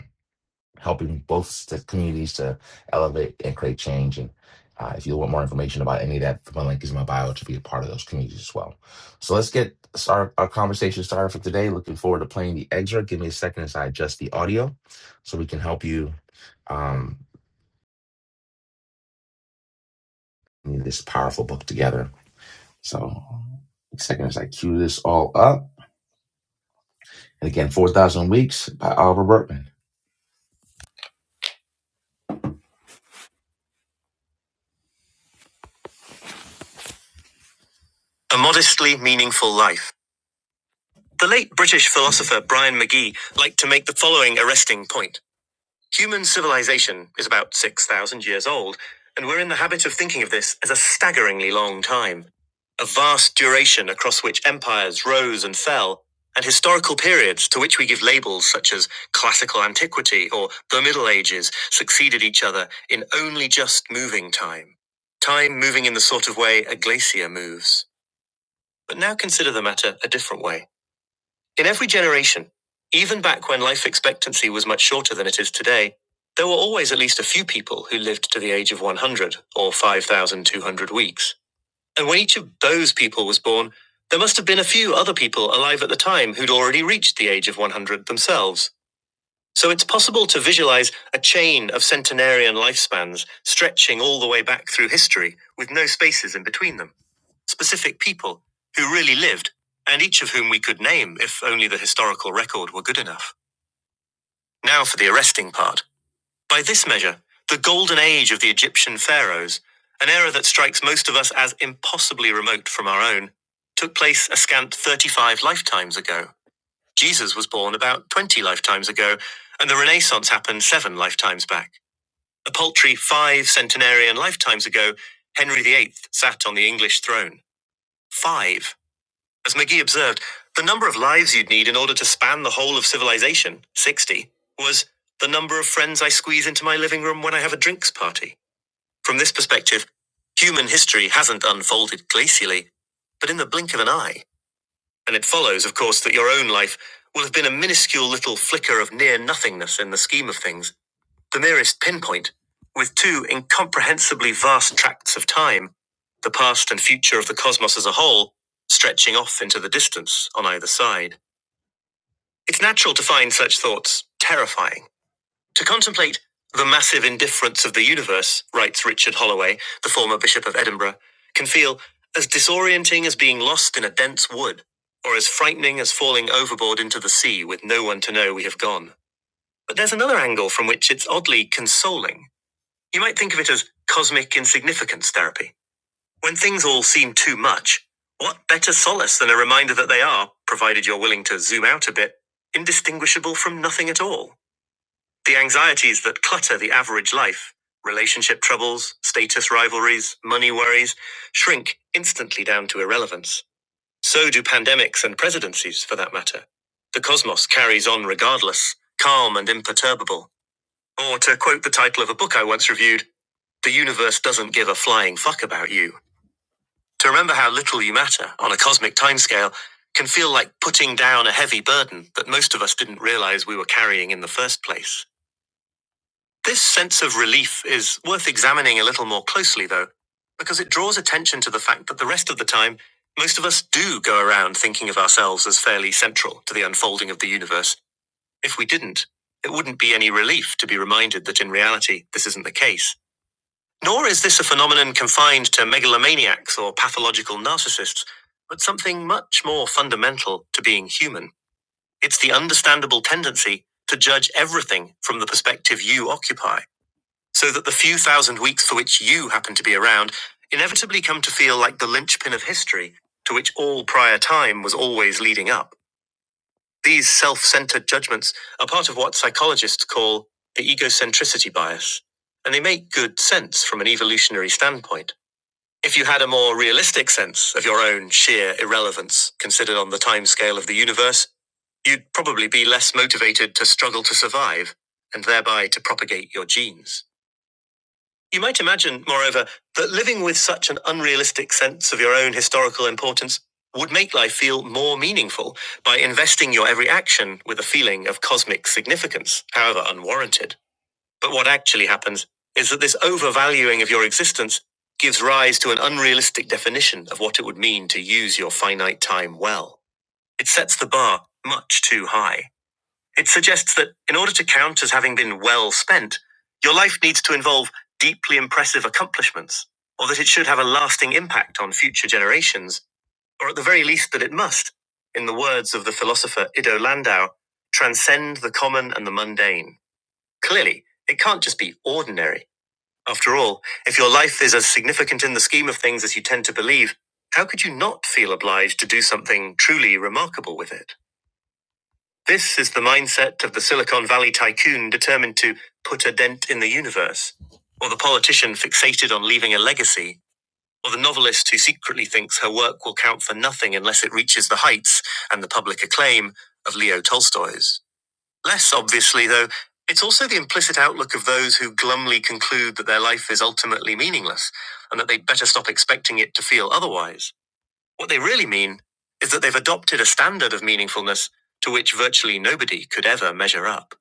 Speaker 1: helping both the communities to elevate and create change. And uh, if you want more information about any of that, my link is in my bio to be a part of those communities as well. So let's get our, our conversation started for today. Looking forward to playing the excerpt. Give me a second as I adjust the audio so we can help you um, in this powerful book together. So second is I cue this all up. And again, 4,000 Weeks by Oliver Burtman. A modestly meaningful life. The late British philosopher Brian McGee liked to make the following arresting point. Human civilization is about 6,000 years old, and we're in the habit of thinking of this as a staggeringly long time. A vast duration across which empires rose and fell, and historical periods to which we give labels such as classical antiquity or the Middle Ages succeeded each other in only just moving time. Time moving in the sort of way a glacier moves. But now consider the matter a different way. In every generation, even back when life expectancy was much shorter than it is today, there were always at least a few people who lived to the age of 100 or 5,200 weeks. And when each of those people was born, there must have been a few other people alive at the time who'd already reached the age of 100 themselves. So it's possible to visualize a chain of centenarian lifespans stretching all the way back through history with no spaces in between them specific people who really lived, and each of whom we could name if only the historical record were good enough. Now for the arresting part. By this measure, the golden age of the Egyptian pharaohs, an era that strikes most of us as impossibly remote from our own, took place a scant 35 lifetimes ago. Jesus was born about 20 lifetimes ago, and the Renaissance happened seven lifetimes back. A paltry five centenarian lifetimes ago, Henry VIII sat on the English throne. Five. As McGee observed, the number of lives you'd need in order to span the whole of civilization, 60, was the number of friends I squeeze into my living room when I have a drinks party. From this perspective, human history hasn't unfolded glacially, but in the blink of an eye. And it follows, of course, that your own life will have been a minuscule little flicker of near nothingness in the scheme of things the merest pinpoint, with two incomprehensibly vast tracts of time, the past and future of the cosmos as a whole, stretching off into the distance on either side. It's natural to find such thoughts terrifying. To contemplate the massive indifference of the universe, writes Richard Holloway, the former Bishop of Edinburgh, can feel as disorienting as being lost in a dense wood, or as frightening as falling overboard into the sea with no one to know we have gone. But there's another angle from which it's oddly consoling. You might think of it as cosmic insignificance therapy. When things all seem too much, what better solace than a reminder that they are, provided you're willing to zoom out a bit, indistinguishable from nothing at all? The anxieties that clutter the average life relationship troubles, status rivalries, money worries shrink instantly down to irrelevance. So do pandemics and presidencies, for that matter. The cosmos carries on regardless, calm and imperturbable. Or to quote the title of a book I once reviewed, the universe doesn't give a flying fuck about you. To remember how little you matter on a cosmic timescale can feel like putting down a heavy burden that most of us didn't realize we were carrying in the first place. This sense of relief is worth examining a little more closely, though, because it draws attention to the fact that the rest of the time, most of us do go around thinking of ourselves as fairly central to the unfolding of the universe. If we didn't, it wouldn't be any relief to be reminded that in reality, this isn't the case. Nor is this a phenomenon confined to megalomaniacs or pathological narcissists, but something much more fundamental to being human. It's the understandable tendency to judge everything from the perspective you occupy, so that the few thousand weeks for which you happen to be around inevitably come to feel like the linchpin of history to which all prior time was always leading up. These self centered judgments are part of what psychologists call the egocentricity bias, and they make good sense from an evolutionary standpoint. If you had a more realistic sense of your own sheer irrelevance, considered on the timescale of the universe, you'd probably be less motivated to struggle to survive and thereby to propagate your genes. You might imagine, moreover, that living with such an unrealistic sense of your own historical importance would make life feel more meaningful by investing your every action with a feeling of cosmic significance, however unwarranted. But what actually happens is that this overvaluing of your existence gives rise to an unrealistic definition of what it would mean to use your finite time well. It sets the bar much too high. It suggests that in order to count as having been well spent, your life needs to involve deeply impressive accomplishments, or that it should have a lasting impact on future generations, or at the very least that it must, in the words of the philosopher Ido Landau, transcend the common and the mundane. Clearly, it can't just be ordinary. After all, if your life is as significant in the scheme of things as you tend to believe, how could you not feel obliged to do something truly remarkable with it? This is the mindset of the Silicon Valley tycoon determined to put a dent in the universe, or the politician fixated on leaving a legacy, or the novelist who secretly thinks her work will count for nothing unless it reaches the heights and the public acclaim of Leo Tolstoy's. Less obviously, though, it's also the implicit outlook of those who glumly conclude that their life is ultimately meaningless and that they'd better stop expecting it to feel otherwise. What they really mean is that they've adopted a standard of meaningfulness to which virtually nobody could ever measure up.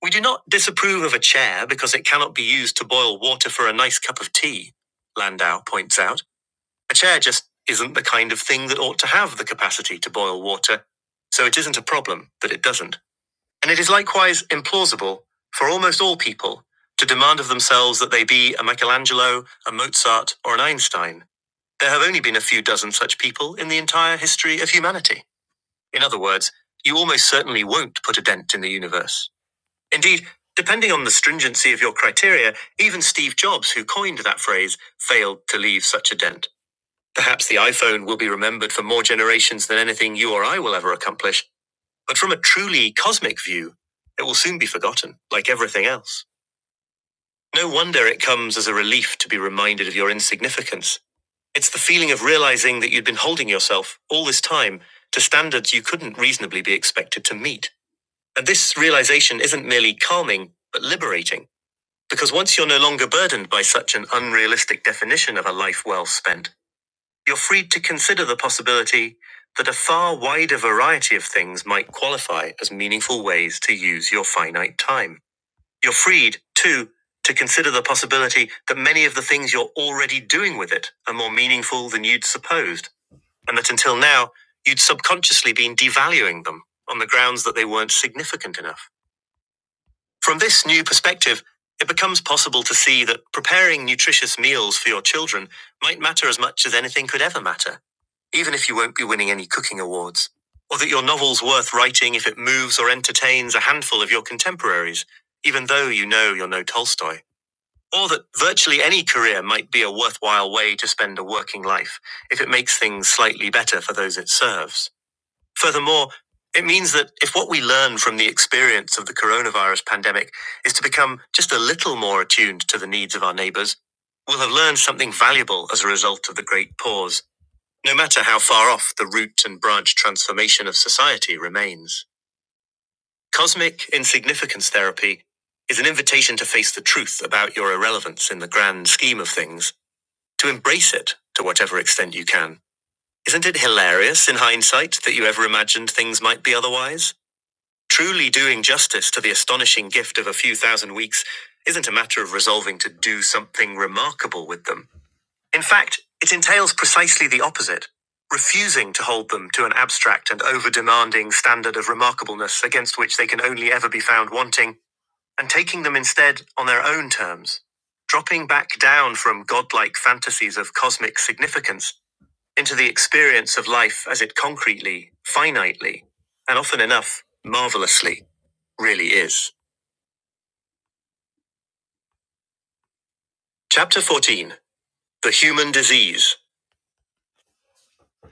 Speaker 1: We do not disapprove of a chair because it cannot be used to boil water for a nice cup of tea, Landau points out. A chair just isn't the kind of thing that ought to have the capacity to boil water, so it isn't a problem that it doesn't. And it is likewise implausible for almost all people to demand of themselves that they be a Michelangelo, a Mozart, or an Einstein. There have only been a few dozen such people in the entire history of humanity. In other words, you almost certainly won't put a dent in the universe. Indeed, depending on the stringency of your criteria, even Steve Jobs, who coined that phrase, failed to leave such a dent. Perhaps the iPhone will be remembered for more generations than anything you or I will ever accomplish, but from a truly cosmic view, it will soon be forgotten, like everything else. No wonder it comes as a relief to be reminded of your insignificance. It's the feeling of realizing that you'd been holding yourself all this time to standards you couldn't reasonably be expected to meet. And this realization isn't merely calming, but liberating. Because once you're no longer burdened by such an unrealistic definition of a life well spent, you're free to consider the possibility that a far wider variety of things might qualify as meaningful ways to use your finite time. You're freed, too, to consider the possibility that many of the things you're already doing with it are more meaningful than you'd supposed, and that until now, you'd subconsciously been devaluing them on the grounds that they weren't significant enough. From this new perspective, it becomes possible to see that preparing nutritious meals for your children might matter as much as anything could ever matter, even if you won't be winning any cooking awards. Or that your novel's worth writing if it moves or entertains a handful of your contemporaries, even though you know you're no Tolstoy. Or that virtually any career might be a worthwhile way to spend a working life if it makes things slightly better for those it serves. Furthermore, it means that if what we learn from the experience of the coronavirus pandemic is to become just a little more attuned to the needs of our neighbors, we'll have learned something valuable as a result of the great pause, no matter how far off the root and branch transformation of society remains. Cosmic Insignificance Therapy is an invitation to face the truth about your irrelevance in the grand scheme of things, to embrace it to whatever extent you can. Isn't it hilarious in hindsight that you ever imagined things might be otherwise? Truly doing justice to the astonishing gift of a few thousand weeks isn't a matter of resolving to do something remarkable with them. In fact, it entails precisely the opposite refusing to hold them to an abstract and over demanding standard of remarkableness against which they can only ever be found wanting, and taking them instead on their own terms. Dropping back down from godlike fantasies of cosmic significance into the experience of life as it concretely, finitely, and often enough, marvelously, really is. Chapter 14 The Human Disease.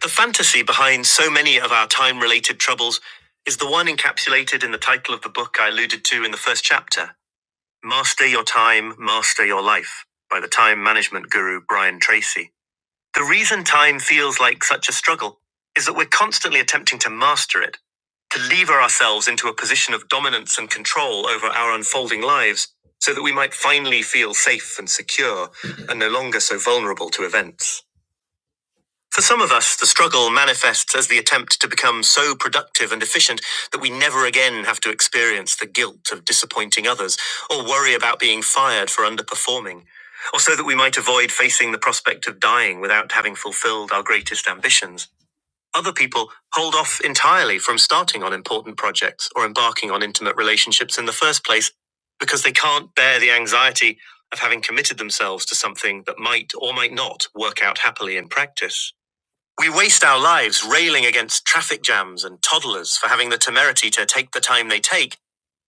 Speaker 1: The fantasy behind so many of our time related troubles is the one encapsulated in the title of the book I alluded to in the first chapter Master Your Time, Master Your Life by the time management guru Brian Tracy. The reason time feels like such a struggle is that we're constantly attempting to master it, to lever ourselves into a position of dominance and control over our unfolding lives so that we might finally feel safe and secure and no longer so vulnerable to events. For some of us, the struggle manifests as the attempt to become so productive and efficient that we never again have to experience the guilt of disappointing others or worry about being fired for underperforming, or so that we might avoid facing the prospect of dying without having fulfilled our greatest ambitions. Other people hold off entirely from starting on important projects or embarking on intimate relationships in the first place because they can't bear the anxiety of having committed themselves to something that might or might not work out happily in practice. We waste our lives railing against traffic jams and toddlers for having the temerity to take the time they take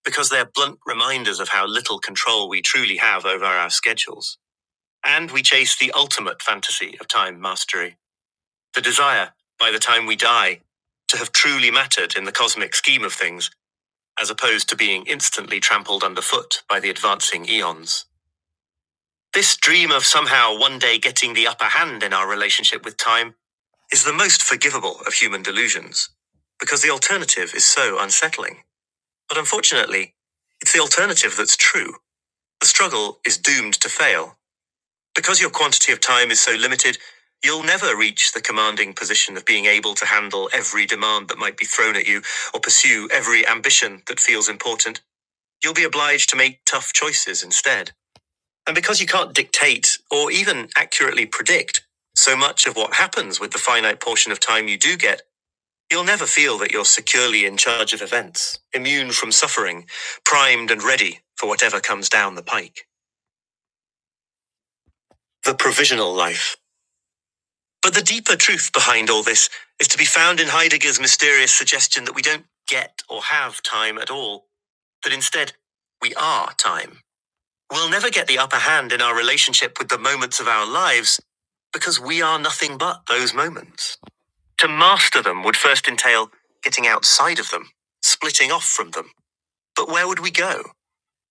Speaker 1: because they're blunt reminders of how little control we truly have over our schedules. And we chase the ultimate fantasy of time mastery the desire, by the time we die, to have truly mattered in the cosmic scheme of things, as opposed to being instantly trampled underfoot by the advancing eons. This dream of somehow one day getting the upper hand in our relationship with time is the most forgivable of human delusions, because the alternative is so unsettling. But unfortunately, it's the alternative that's true. The struggle is doomed to fail. Because your quantity of time is so limited, you'll never reach the commanding position of being able to handle every demand that might be thrown at you or pursue every ambition that feels important. You'll be obliged to make tough choices instead. And because you can't dictate or even accurately predict so much of what happens with the finite portion of time you do get, You'll never feel that you're securely in charge of events, immune from suffering, primed and ready for whatever comes down the pike. The provisional life. But the deeper truth behind all this is to be found in Heidegger's mysterious suggestion that we don't get or have time at all, that instead, we are time. We'll never get the upper hand in our relationship with the moments of our lives because we are nothing but those moments. To master them would first entail getting outside of them, splitting off from them But where would we go?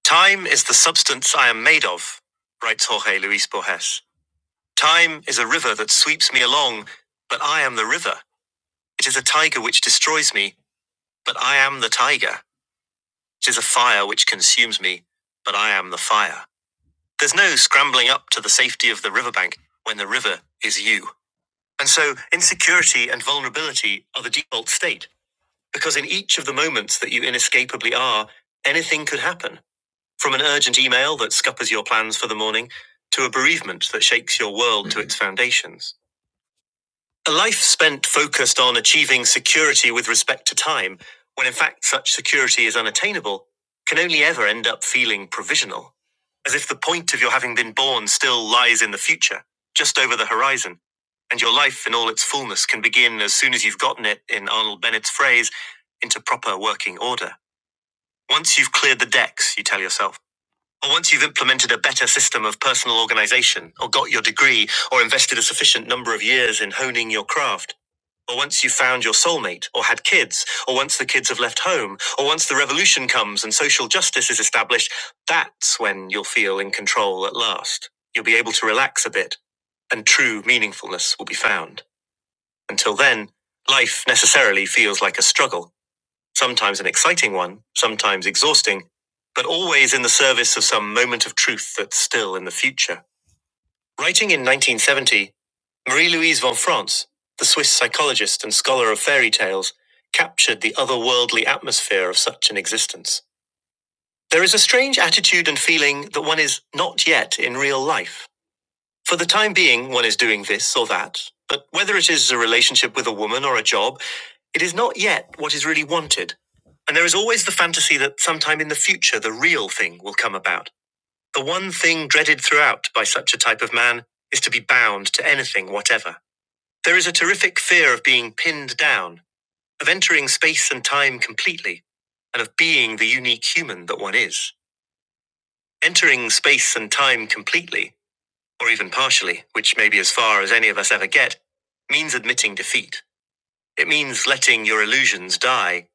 Speaker 1: Time is the substance I am made of, writes Jorge Luis Borges. Time is a river that sweeps me along, but I am the river. It is a tiger which destroys me, but I am the tiger. It is a fire which consumes me, but I am the fire. There's no scrambling up to the safety of the riverbank when the river is you. And so, insecurity and vulnerability are the default state, because in each of the moments that you inescapably are, anything could happen. From an urgent email that scuppers your plans for the morning, to a bereavement that shakes your world to its foundations. A life spent focused on achieving security with respect to time, when in fact such security is unattainable, can only ever end up feeling provisional. As if the point of your having been born still lies in the future, just over the horizon. And your life in all its fullness can begin as soon as you've gotten it, in Arnold Bennett's phrase, into proper working order. Once you've cleared the decks, you tell yourself. Or once you've implemented a better system of personal organization, or got your degree, or invested a sufficient number of years in honing your craft. Or once you've found your soulmate, or had kids, or once the kids have left home, or once the revolution comes and social justice is established, that's when you'll feel in control at last. You'll be able to relax a bit, and true meaningfulness will be found. Until then, life necessarily feels like a struggle sometimes an exciting one, sometimes exhausting, but always in the service of some moment of truth that's still in the future. Writing in 1970, Marie Louise von France, the Swiss psychologist and scholar of fairy tales, captured the otherworldly atmosphere of such an existence. There is a strange attitude and feeling that one is not yet in real life for the time being, one is doing this or that, but whether it is a relationship with a woman or a job, it is not yet what is really wanted. And there is always the fantasy that sometime in the future the real thing will come about. The one thing dreaded throughout by such a type of man is to be bound to anything whatever. There is a terrific fear of being pinned down, of entering space and time completely, and of being the unique human that one is. Entering space and time completely or even partially, which may be as far as any of us ever get, means admitting defeat. It means letting your illusions die.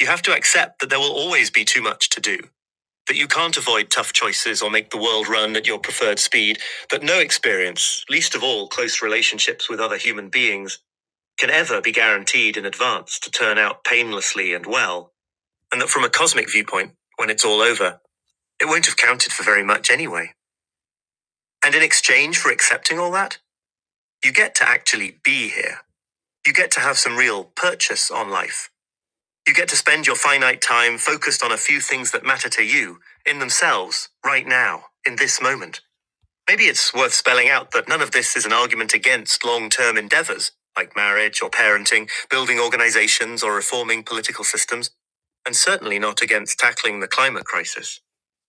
Speaker 1: You have to accept that there will always be too much to do, that you can't avoid tough choices or make the world run at your preferred speed, that no experience, least of all close relationships with other human beings, can ever be guaranteed in advance to turn out painlessly and well, and that from a cosmic viewpoint, when it's all over, it won't have counted for very much anyway. And in exchange for accepting all that, You get to actually be here. You get to have some real purchase on life. You get to spend your finite time focused on a few things that matter to you, in themselves, right now, in this moment. Maybe it's worth spelling out that none of this is an argument against long term endeavors, like marriage or parenting, building organizations or reforming political systems, and certainly not against tackling the climate crisis.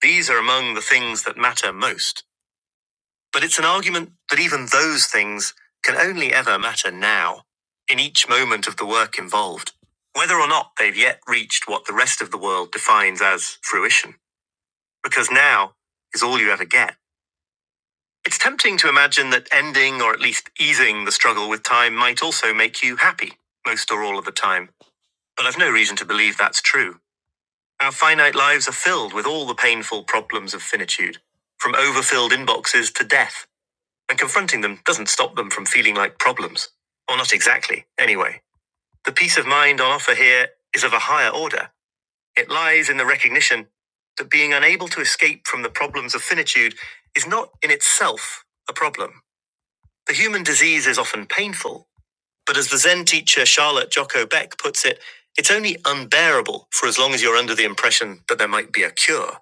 Speaker 1: These are among the things that matter most. But it's an argument that even those things can only ever matter now, in each moment of the work involved, whether or not they've yet reached what the rest of the world defines as fruition, because now is all you ever get. It's tempting to imagine that ending or at least easing the struggle with time might also make you happy, most or all of the time, but I've no reason to believe that's true. Our finite lives are filled with all the painful problems of finitude, from overfilled inboxes to death And confronting them doesn't stop them from feeling like problems. Or not exactly, anyway. The peace of mind on offer here is of a higher order. It lies in the recognition that being unable to escape from the problems of finitude is not in itself a problem. The human disease is often painful, but as the Zen teacher Charlotte Jocko Beck puts it, it's only unbearable for as long as you're under the impression that there might be a cure.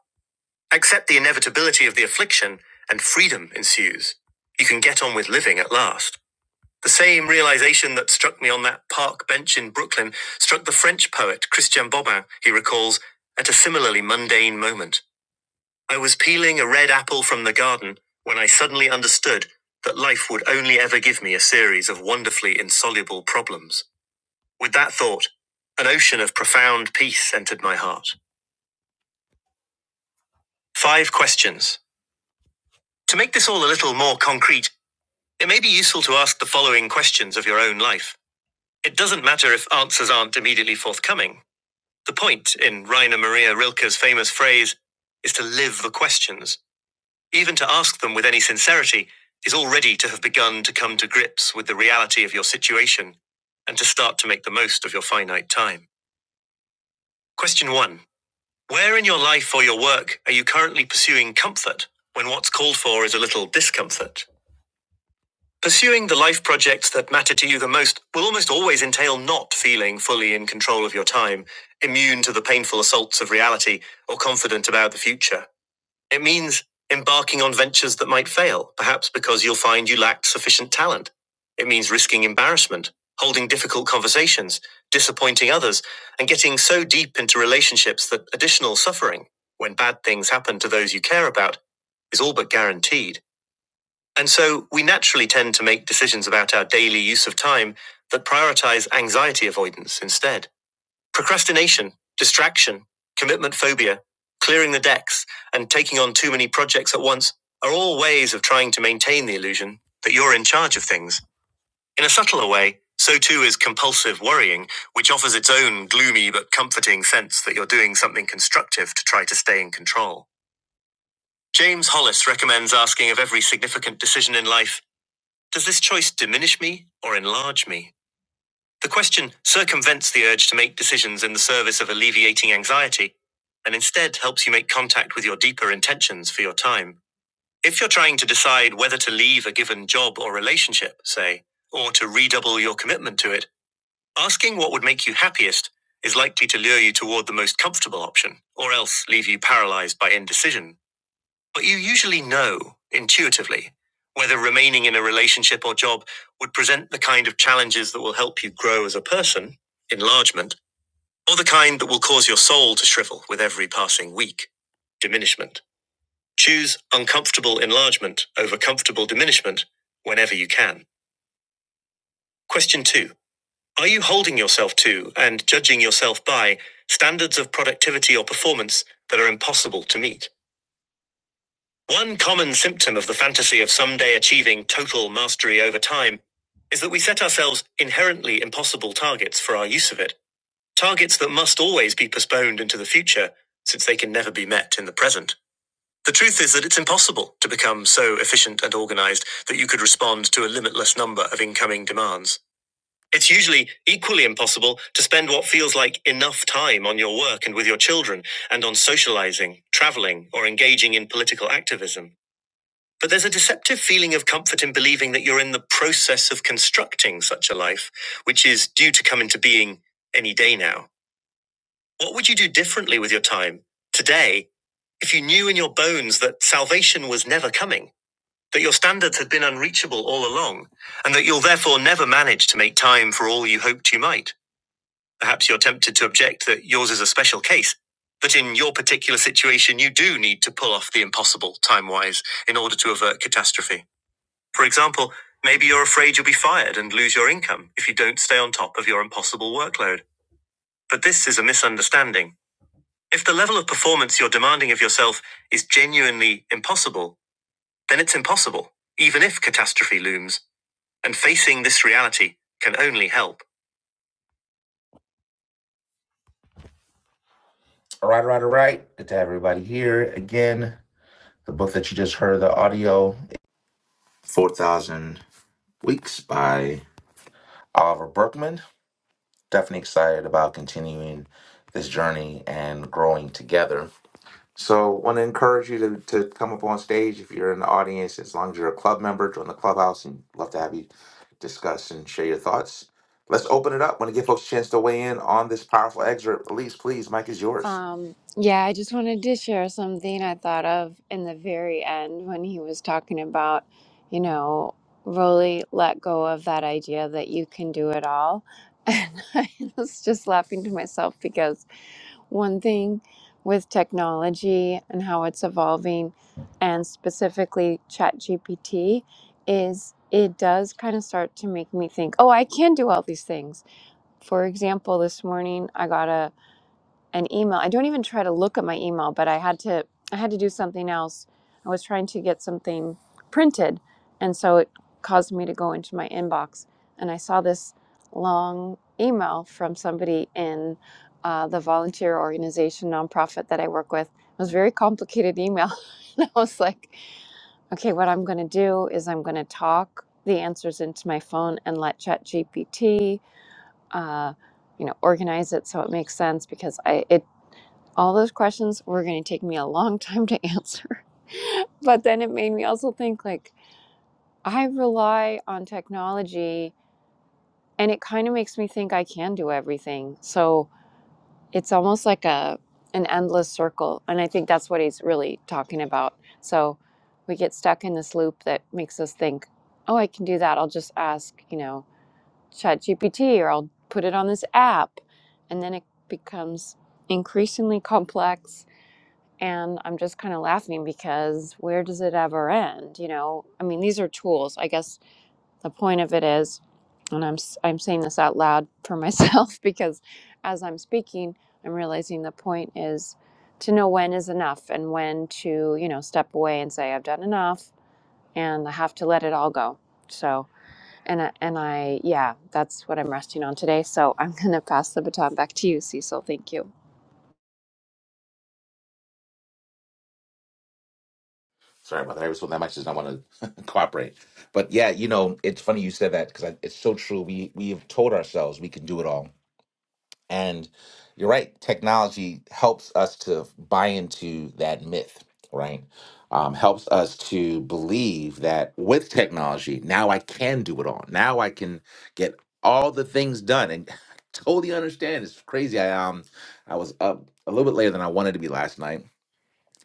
Speaker 1: Accept the inevitability of the affliction, and freedom ensues. You can get on with living at last. The same realization that struck me on that park bench in Brooklyn struck the French poet Christian Bobin, he recalls, at a similarly mundane moment. I was peeling a red apple from the garden when I suddenly understood that life would only ever give me a series of wonderfully insoluble problems. With that thought, an ocean of profound peace entered my heart. Five questions. To make this all a little more concrete, it may be useful to ask the following questions of your own life. It doesn't matter if answers aren't immediately forthcoming. The point in Rainer Maria Rilke's famous phrase is to live the questions. Even to ask them with any sincerity is already to have begun to come to grips with the reality of your situation and to start to make the most of your finite time. Question one Where in your life or your work are you currently pursuing comfort when what's called for is a little discomfort? Pursuing the life projects that matter to you the most will almost always entail not feeling fully in control of your time, immune to the painful assaults of reality, or confident about the future. It means embarking on ventures that might fail, perhaps because you'll find you lacked sufficient talent. It means risking embarrassment, holding difficult conversations, disappointing others, and getting so deep into relationships that additional suffering, when bad things happen to those you care about, is all but guaranteed. And so we naturally tend to make decisions about our daily use of time that prioritize anxiety avoidance instead. Procrastination, distraction, commitment phobia, clearing the decks, and taking on too many projects at once are all ways of trying to maintain the illusion that you're in charge of things. In a subtler way, so too is compulsive worrying, which offers its own gloomy but comforting sense that you're doing something constructive to try to stay in control. James Hollis recommends asking of every significant decision in life does this choice diminish me or enlarge me? The question circumvents the urge to make decisions in the service of alleviating anxiety and instead helps you make contact with your deeper intentions for your time. If you're trying to decide whether to leave a given job or relationship, say, or to redouble your commitment to it, asking what would make you happiest is likely to lure you toward the most comfortable option or else leave you paralyzed by indecision. But you usually know intuitively whether remaining in a relationship or job would present the kind of challenges that will help you grow as a person, enlargement, or the kind that will cause your soul to shrivel with every passing week, diminishment. Choose uncomfortable enlargement over comfortable diminishment whenever you can. Question two Are you holding yourself to and judging yourself by standards of productivity or performance that are impossible to meet? One common symptom of the fantasy of someday achieving total mastery over time is that we set ourselves inherently impossible targets for our use of it. Targets that must always be postponed into the future, since they can never be met in the present. The truth is that it's impossible to become so efficient and organized that you could respond to a limitless number of incoming demands. It's usually equally impossible to spend what feels like enough time on your work and with your children, and on socializing, traveling, or engaging in political activism. But there's a deceptive feeling of comfort in believing that you're in the process of constructing such a life, which is due to come into being any day now. What would you do differently with your time today if you knew in your bones that salvation was never coming, that your standards had been unreachable all along, and that you'll therefore never manage to make time for all you hoped you might? Perhaps you're tempted to object that yours is a special case, that in your particular situation you do need to pull off the impossible time wise in order to avert catastrophe. For example, maybe you're afraid you'll be fired and lose your income if you don't stay on top of your impossible workload. But this is a misunderstanding. If the level of performance you're demanding of yourself is genuinely impossible, then it's impossible, even if catastrophe looms. And facing this reality can only help. All right, all right, all right. Good to have everybody here again. The book that you just heard, the audio 4,000 Weeks by Oliver Burkeman. definitely excited about continuing this journey and growing together. So, want to encourage you to, to come up on stage if you're in the audience. As long as you're a club member, join the clubhouse and love to have you discuss and share your thoughts. Let's open it up. Want to give folks a chance to weigh in on this powerful excerpt. Elise, please, Mike is yours.
Speaker 5: Um, yeah, I just wanted to share something I thought of in the very end when he was talking about, you know, really let go of that idea that you can do it all. And I was just laughing to myself because one thing with technology and how it's evolving, and specifically ChatGPT, is it does kind of start to make me think, oh, I can do all these things. For example, this morning I got an email. I don't even try to look at my email, but I had to I had to do something else. I was trying to get something printed, and so it caused me to go into my inbox, and I saw this long email from somebody in uh, the volunteer organization nonprofit that I work with. It was a very complicated email, and I was like, okay, what I'm going to do is I'm going to talk the answers into my phone and let ChatGPT. Uh, you know organize it so it makes sense because I it all those questions were going to take me a long time to answer. but then it made me also think like I rely on technology and it kind of makes me think I can do everything. So it's almost like a an endless circle and I think that's what he's really talking about. So we get stuck in this loop that makes us think, "Oh, I can do that. I'll just ask, you know, ChatGPT or I'll put it on this app." And then it becomes increasingly complex And I'm just kind of laughing because where does it ever end? You know, I mean, these are tools. I guess the point of it is, and I'm s- I'm saying this out loud for myself because as I'm speaking, I'm realizing the point is to know when is enough and when to, you know, step away and say I've done enough and I have to let it all go. So, and I, and I, yeah, that's what I'm resting on today. So I'm going to pass the baton back to you, Cecil. Thank you.
Speaker 1: Sorry about that. I was told that mic, does not want to cooperate. But yeah, you know, it's funny you said that because it's so true. We we have told ourselves we can do it all And you're right, technology helps us to buy into that myth, right? Um, helps us to believe that with technology, now I can do it all. Now I can get all the things done. And I totally understand. It's crazy. I um I was up a little bit later than I wanted to be last night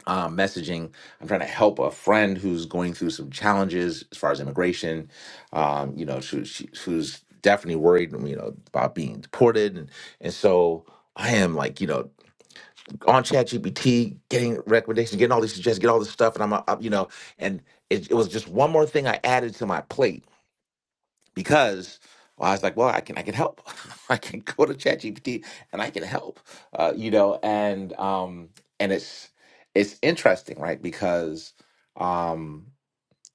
Speaker 1: uh, messaging. I'm trying to help a friend who's going through some challenges as far as immigration. Um, you know, she, she, who's definitely worried, you know, about being deported, and and so I am like, you know, on ChatGPT, getting recommendations, getting all these suggestions, get all this stuff, and I'm, uh, uh, you know, and it, it was just one more thing I added to my plate because well, I was like, well, I can I can help. I can go to ChatGPT and I can help. Uh, you know, and um and it's it's interesting, right? Because um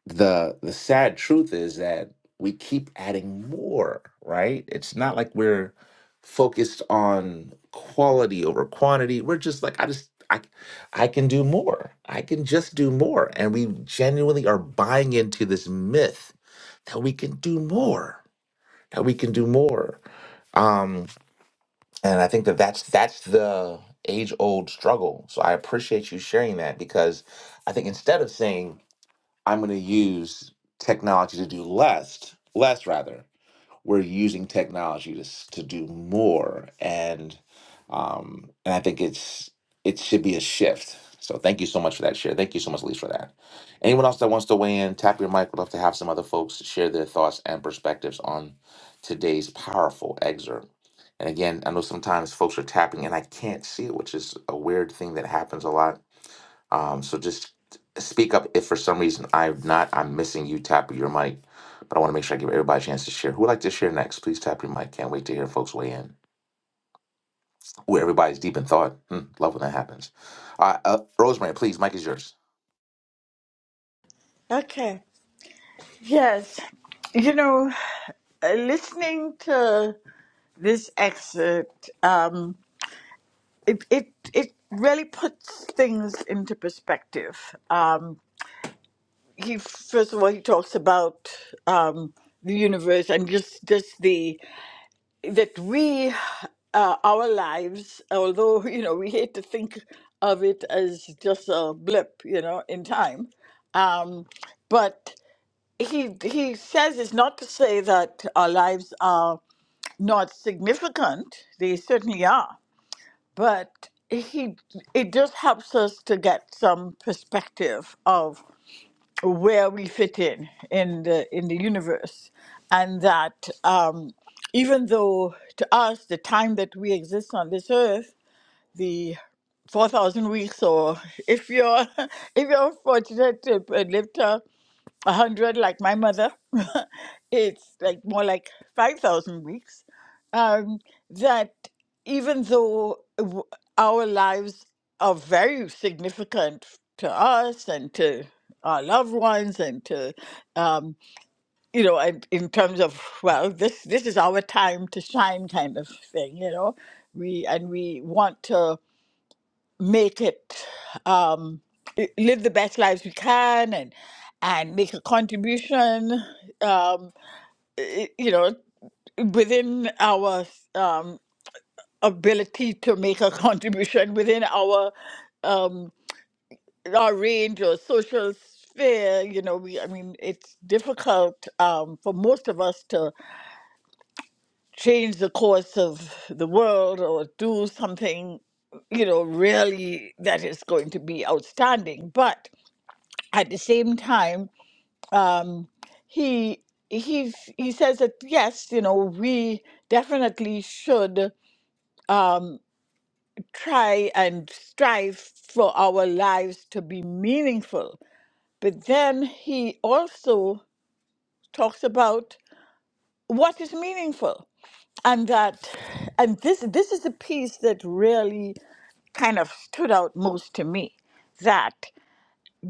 Speaker 1: the the sad truth is that we keep adding more, right? It's not like we're focused on quality over quantity. We're just like I just I I can do more. I can just do more. And we genuinely are buying into this myth that we can do more that we can do more. Um, and I think that that's that's the age old struggle. So I appreciate you sharing that because I think instead of saying I'm going to use technology to do less, less rather, we're using technology to s- to do more, and um, and I think it's it should be a shift. So thank you so much for that share. Thank you so much, Elise, for that. Anyone else that wants to weigh in, tap your mic. We'd love to have some other folks share their thoughts and perspectives on today's powerful excerpt. And again, I know sometimes folks are tapping and I can't see it, which is a weird thing that happens a lot um, so just speak up if for some reason I'm not, I'm missing you, tap your mic. But I want to make sure I give everybody a chance to share. Who would like to share next? Please tap your mic. Can't wait to hear folks weigh in. Ooh, everybody's deep in thought. Hmm, love when that happens. Uh, uh, Rosemary, please, mic is yours.
Speaker 8: Okay. Yes. You know, uh, listening to this excerpt, um, it, it, it really puts things into perspective. Um, he first of all he talks about um, the universe and just just the that we uh, our lives although you know we hate to think of it as just a blip you know in time um, but he he says it's not to say that our lives are not significant they certainly are but he it just helps us to get some perspective of where we fit in in the in the universe and that um, even though to us the time that we exist on this earth the 4000 weeks or if you're if you're fortunate to live a hundred like my mother. it's like more like five thousand weeks. Um, that even though w- our lives are very significant to us and to our loved ones and to um, you know and in terms of well this this is our time to shine kind of thing you know we and we want to make it um i- live the best lives we can and and make a contribution um i- you know within our um ability to make a contribution within our um our range or social sphere you know we i mean it's difficult um for most of us to change the course of the world or do something you know really that is going to be outstanding but at the same time, he he he says that yes, you know, we definitely should try and strive for our lives to be meaningful. But then he also talks about what is meaningful. And that and this this is the piece that really kind of stood out most to me. That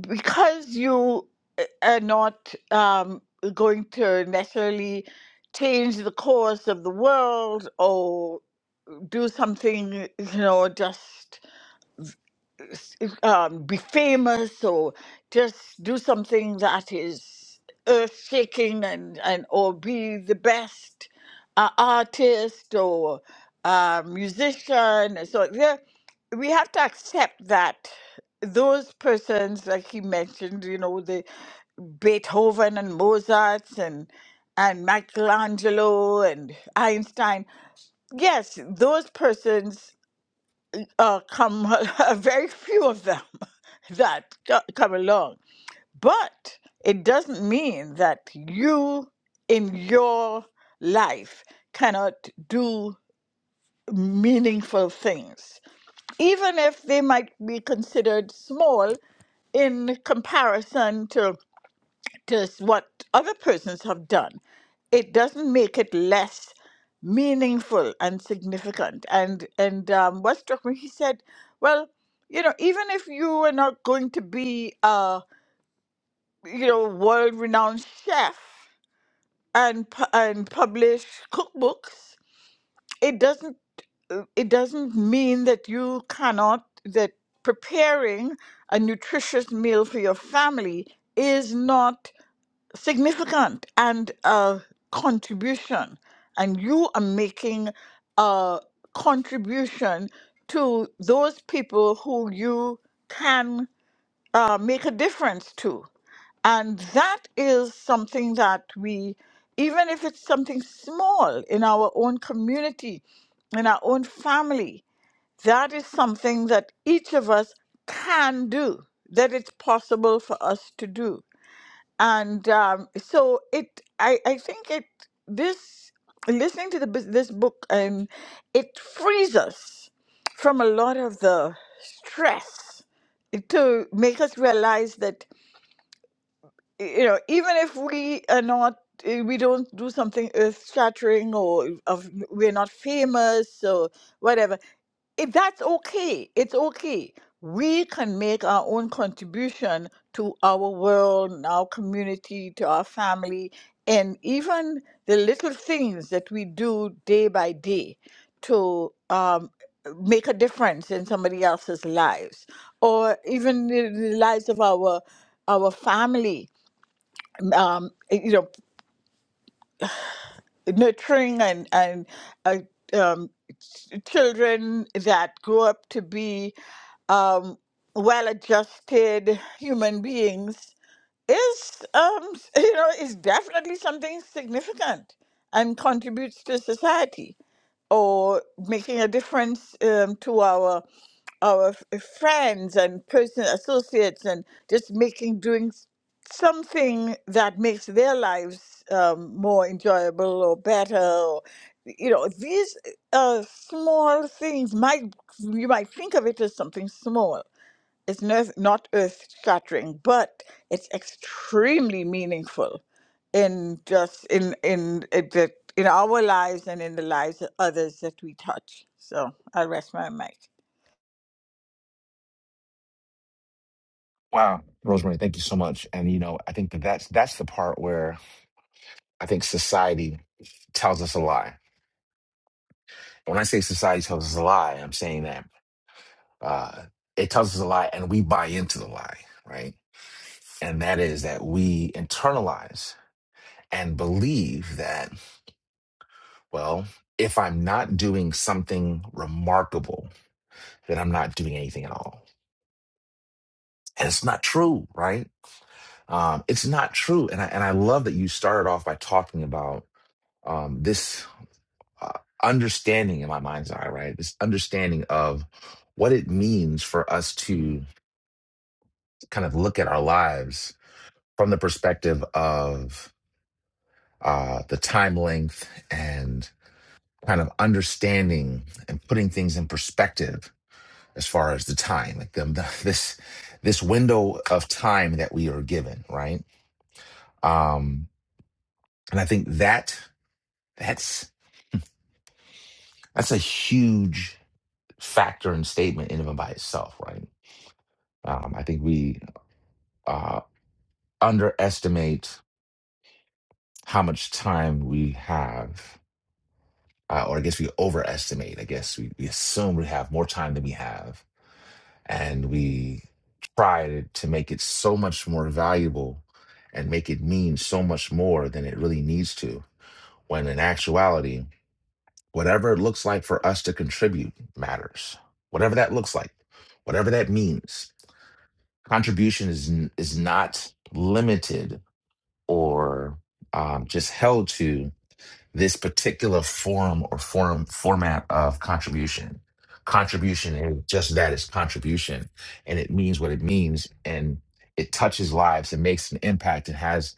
Speaker 8: because you uh, are not um, going to necessarily change the course of the world or do something, you know, just um, be famous or just do something that is earth shaking and, and or be the best uh, artist or uh, musician. So there, we have to accept that those persons, like he mentioned, you know, the Beethoven and Mozart's and and Michelangelo and Einstein. Yes, those persons uh, come, very few of them that co- come along. But it doesn't mean that you in your life cannot do meaningful things, even if they might be considered small in comparison to does what other persons have done, it doesn't make it less meaningful and significant. And and um, what struck me, he said, well, you know, even if you are not going to be a you know world-renowned chef and pu- and publish cookbooks, it doesn't uh, it doesn't mean that you cannot that preparing a nutritious meal for your family is not significant and uh, contribution and you are making a contribution to those people who you can uh, make a difference to and that is something that we even if it's something small in our own community in our own family that is something that each of us can do that it's possible for us to do and um, so it I, I think it this listening to the bus- this book um, it frees us from a lot of the stress to make us realize that you know, even if we are not, eh, we don't do something earth shattering or of, we're not famous or whatever, it, that's okay. It's okay. We can make our own contribution to our world, and our community, to our family, and even the little things that we do day by day to um, make a difference in somebody else's lives, or even the, the lives of our our family um, eh, you know, nurturing and and uh, um, ch- children that grow up to be um, well-adjusted human beings is, um, you know, is definitely something significant and contributes to society or making a difference um, to our our f- uh, friends and personal associates and just making doing s- something that makes their lives um, more enjoyable or better or you know these uh, small things might you might think of it as something small it's nerve, not earth shattering, but it's extremely meaningful in just in in it, that- in our lives and in the lives of others that we touch. So I'll rest my mic.
Speaker 1: Wow, Rosemary, thank you so much. And you know, I think that that's that's the part where I think society tells us a lie. When I say society tells us a lie, I'm saying that uh, it tells us a lie, and we buy into the lie, right? And that is that we internalize. and believe that, well, if I'm not doing something remarkable, then I'm not doing anything at all. And it's not true, right? Um, it's not true. And I, and I love that you started off by talking about um, this uh, understanding in my mind's eye, right? This understanding of what it means for us to kind of look at our lives from the perspective of uh, the time length and kind of understanding and putting things in perspective as far as the time like the, the- this this window of time that we are given right um and i think that that's that's a huge factor and statement in and by itself right um i think we uh underestimate how much time we have uh, or i guess we overestimate i guess we, we assume we have more time than we have and we try to, to make it so much more valuable and make it mean so much more than it really needs to when in actuality whatever it looks like for us to contribute matters whatever that looks like whatever that means contribution is n- is not limited or um, just held to this particular form or form format of contribution. Contribution is just that it's contribution and it means what it means and it touches lives and makes an impact and has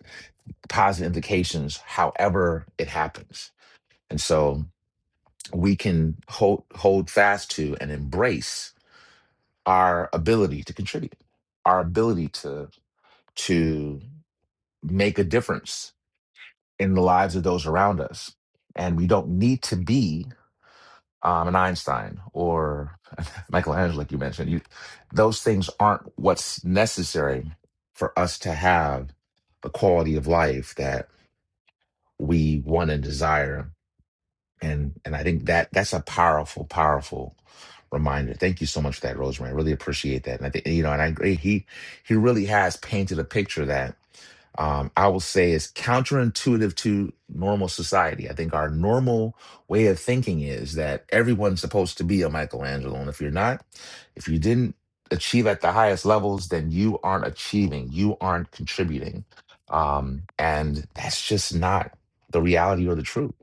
Speaker 1: positive implications however it happens. And so we can hold hold fast to and embrace our ability to contribute, our ability to to make a difference in the lives of those around us. And we don't need to be um, an Einstein or Michelangelo, like you mentioned. You, those things aren't what's necessary for us to have the quality of life that we want and desire. And and I think that that's a powerful, powerful reminder. Thank you so much for that, Rosemary. I really appreciate that. And I think you know, and I agree. He he really has painted a picture that um, I will say is counterintuitive to normal society. I think our normal way of thinking is that everyone's supposed to be a Michelangelo. And if you're not, if you didn't achieve at the highest levels, then you aren't achieving, you aren't contributing. Um, and that's just not the reality or the truth.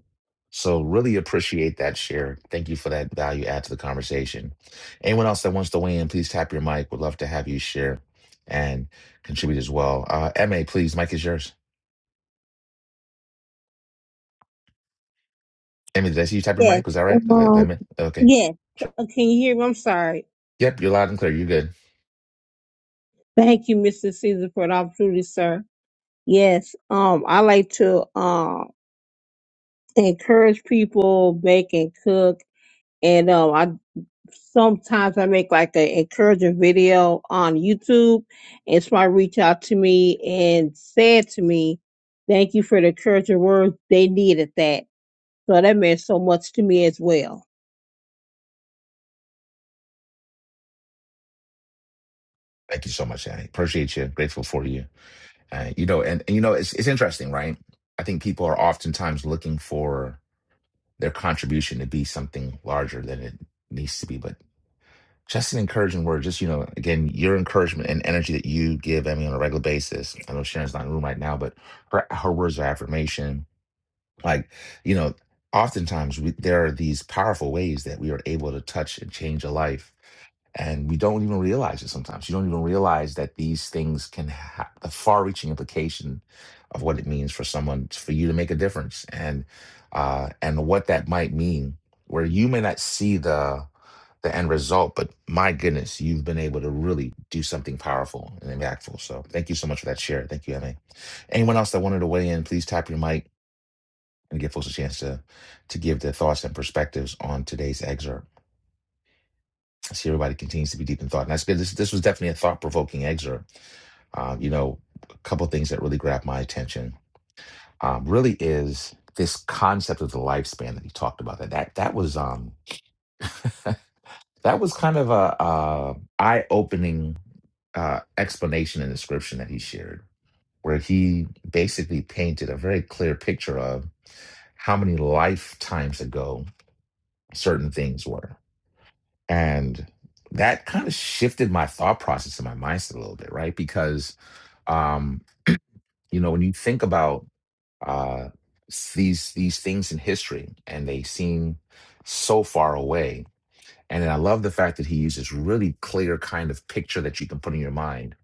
Speaker 1: So, really appreciate that share. Thank you for that value add to the conversation. Anyone else that wants to weigh in, please tap your mic. Would love to have you share. and contribute as well. Uh, Emma, please, Mike is yours. Emma, did I see you typing
Speaker 3: Yes.
Speaker 1: mic? Was that right? Is that, that
Speaker 3: Um,
Speaker 1: meant? Okay.
Speaker 3: yes. C-
Speaker 1: Sure.
Speaker 3: uh, Can you hear me? I'm sorry.
Speaker 1: Yep, you're loud and clear. You're good.
Speaker 3: Thank you, Mr. Caesar, for the opportunity, sir. Yes, um, I like to um encourage people bake and cook, and um, I sometimes I make like an encouraging video on YouTube, and somebody reach out to me and said to me, "Thank you for the encouraging words. They needed that, so that meant so much to me as well."
Speaker 1: Thank you so much, Annie. Appreciate you. Grateful for you. Uh, you know, and, and you know, it's it's interesting, right? I think people are oftentimes looking for their contribution to be something larger than it needs to be. But just an encouraging word, just you know, again, your encouragement and energy that you give Emmy on a regular basis. I know Sharon's not in the room right now, but her her words of affirmation, Like, you know, oftentimes we, there are these powerful ways that we are able to touch and change a life. And we don't even realize it sometimes. You don't even realize that these things can have the far reaching implication of what it means for someone, for you to make a difference and, uh, and what that might mean, where you may not see the, the end result, but my goodness, you've been able to really do something powerful and impactful. So thank you so much for that share. Thank you, Emma. Anyone else that wanted to weigh in, please tap your mic and give folks a chance to to give their thoughts and perspectives on today's excerpt. I see everybody continues to be deep in thought, and that's good. This this was definitely a thought provoking excerpt. Um, you know, a couple of things that really grabbed my attention um, really is this concept of the lifespan that he talked about. That that that was um that was kind of a, uh eye opening uh, explanation and description that he shared where he basically painted a very clear picture of how many lifetimes ago certain things were. And that kind of shifted my thought process and my mindset a little bit, right? Because um, you know, when you think about uh s- these these things in history and they seem so far away. And then I love the fact that he uses really clear kind of picture that you can put in your mind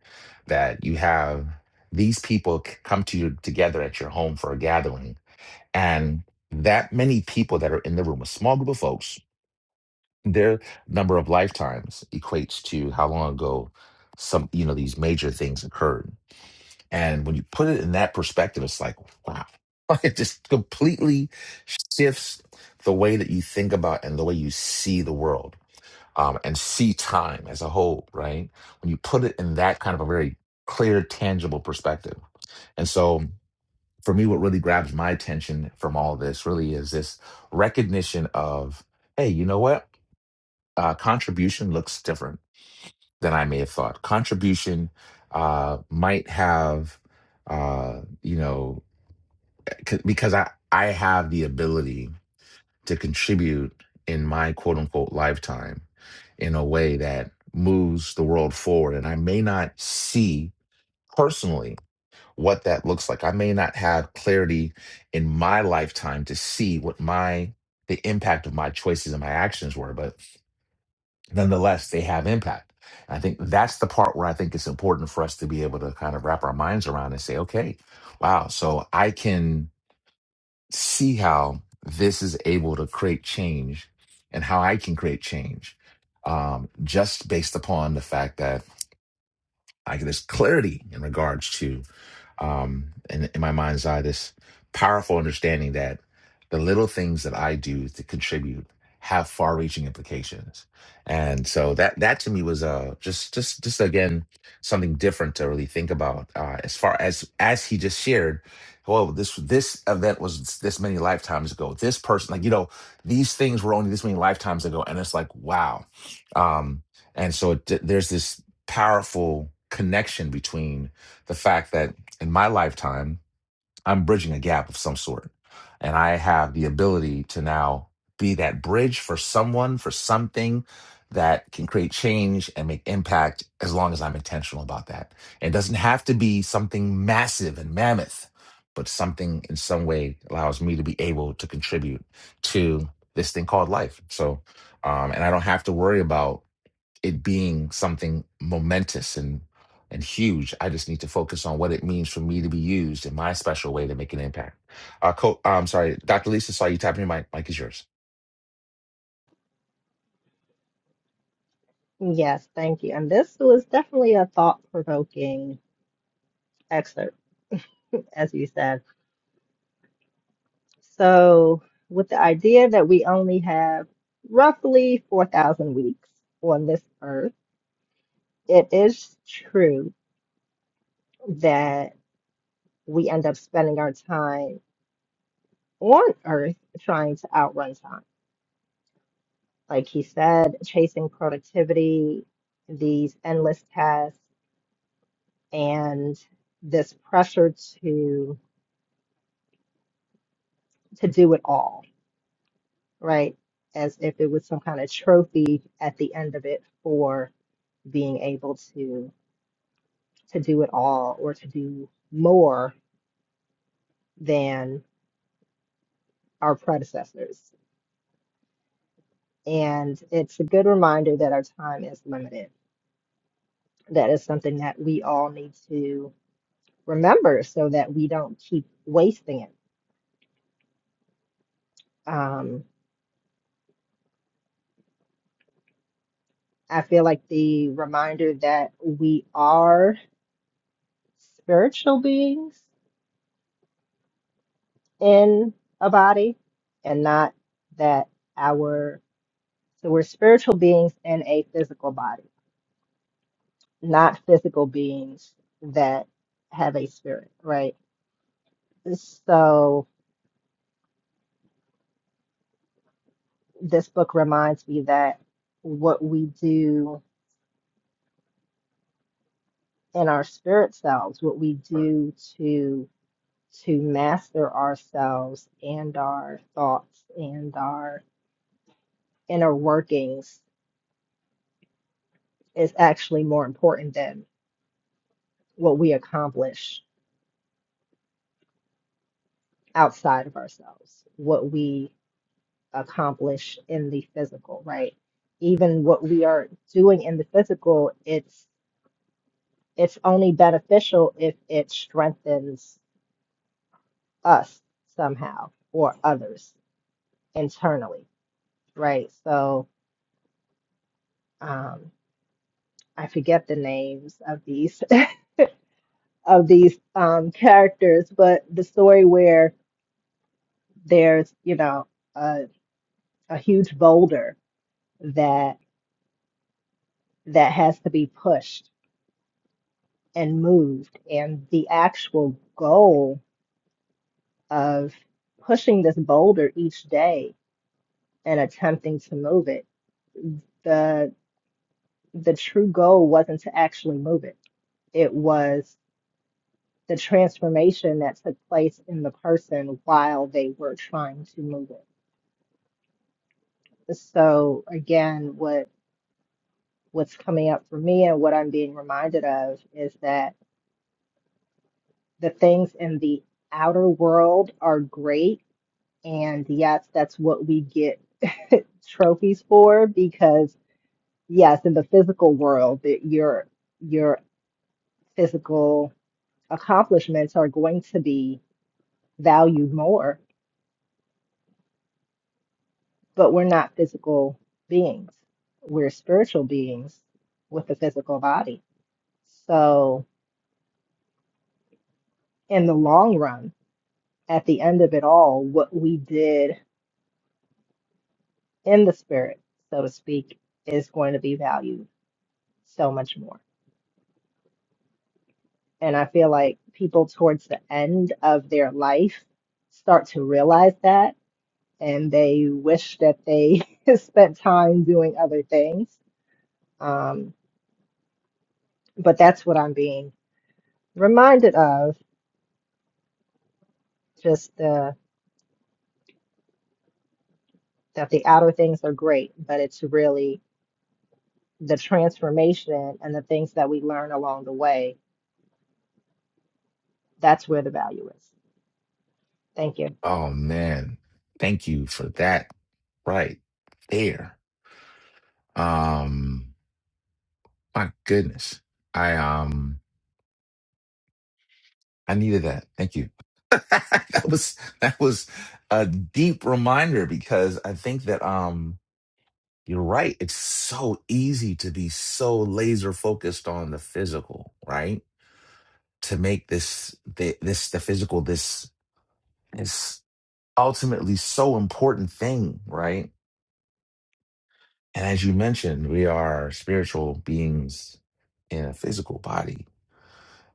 Speaker 1: that you have these people c- come to you together at your home for a gathering and that many people that are in the room, a small group of folks their number of lifetimes equates to how long ago some you know these major things occurred and when you put it in that perspective it's like wow Like, it just completely shifts the way that you think about and the way you see the world um, and see time as a whole right when you put it in that kind of a very clear tangible perspective and so for me what really grabs my attention from all this really is this recognition of hey you know what uh, contribution looks different than I may have thought. Contribution uh, might have, uh, you know, c- because I, I have the ability to contribute in my quote unquote lifetime in a way that moves the world forward. And I may not see personally what that looks like. I may not have clarity in my lifetime to see what my the impact of my choices and my actions were, but nonetheless, they have impact. I think that's the part where I think it's important for us to be able to kind of wrap our minds around and say, okay, wow, so I can see how this is able to create change and how I can create change um, just based upon the fact that I get this clarity in regards to um, in, in my mind's eye this powerful understanding that the little things that I do to contribute have far-reaching implications, and so that that to me was uh, just just just again something different to really think about uh, as far as as he just shared. Well, this this event was this many lifetimes ago. This person, like you know, these things were only this many lifetimes ago, and it's like wow. Um, and so it, there's this powerful connection between the fact that in my lifetime, I'm bridging a gap of some sort. And I have the ability to now be that bridge for someone, for something that can create change and make impact as long as I'm intentional about that. It doesn't have to be something massive and mammoth, but something in some way allows me to be able to contribute to this thing called life. So, um, and I don't have to worry about it being something momentous and and huge. I just need to focus on what it means for me to be used in my special way to make an impact. Uh, co- uh, I'm sorry, Dr. Lisa, saw you tapping your mic. Mic is yours.
Speaker 7: Yes, thank you. And this was definitely a thought provoking excerpt, as you said. So, with the idea that we only have roughly 4,000 weeks on this earth it is true that we end up spending our time on earth trying to outrun time. Like he said, chasing productivity, these endless tasks, and this pressure to to do it all, right? As if it was some kind of trophy at the end of it for being able to to do it all or to do more than our predecessors. And it's a good reminder that our time is limited. That is something that we all need to remember so that we don't keep wasting it. Um, I feel like the reminder that we are spiritual beings in a body and not that our, so we're spiritual beings in a physical body, not physical beings that have a spirit, right? So this book reminds me that what we do in our spirit selves, what we do to to master ourselves and our thoughts and our inner workings is actually more important than what we accomplish outside of ourselves, what we accomplish in the physical, right? Even what we are doing in the physical, it's it's only beneficial if it strengthens us somehow or others internally, right? So um, I forget the names of these of these um, characters, but the story where there's you know a, a huge boulder that that has to be pushed and moved, and the actual goal of pushing this boulder each day and attempting to move it the the true goal wasn't to actually move it It was the transformation that took place in the person while they were trying to move it. So again, what what's coming up for me and what I'm being reminded of is that the things in the outer world are great, and yes, that's what we get trophies for because yes, in the physical world, that your your physical accomplishments are going to be valued more but we're not physical beings. We're spiritual beings with a physical body. So, in the long run, at the end of it all, what we did in the spirit, so to speak, is going to be valued so much more. And I feel like people towards the end of their life start to realize that and they wish that they spent time doing other things. Um, but that's what I'm being reminded of just the. that the outer things are great, but it's really the transformation and the things that we learn along the way. That's where the value is. Thank you.
Speaker 1: Oh man, thank you for that right there. Um, my goodness, I um, I needed that. Thank you. that was that was a deep reminder because I think that um You're right. It's so easy to be so laser focused on the physical, right? To make this the, this the physical this is ultimately so important thing, right? And as you mentioned, we are spiritual beings in a physical body,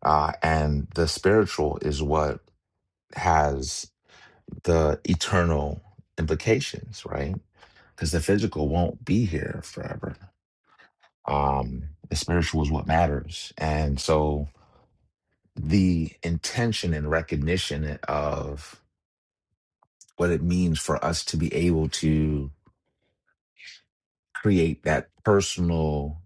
Speaker 1: uh, and the spiritual is what has the eternal implications, right? Because the physical won't be here forever um the spiritual is what matters and so the intention and recognition of what it means for us to be able to create that personal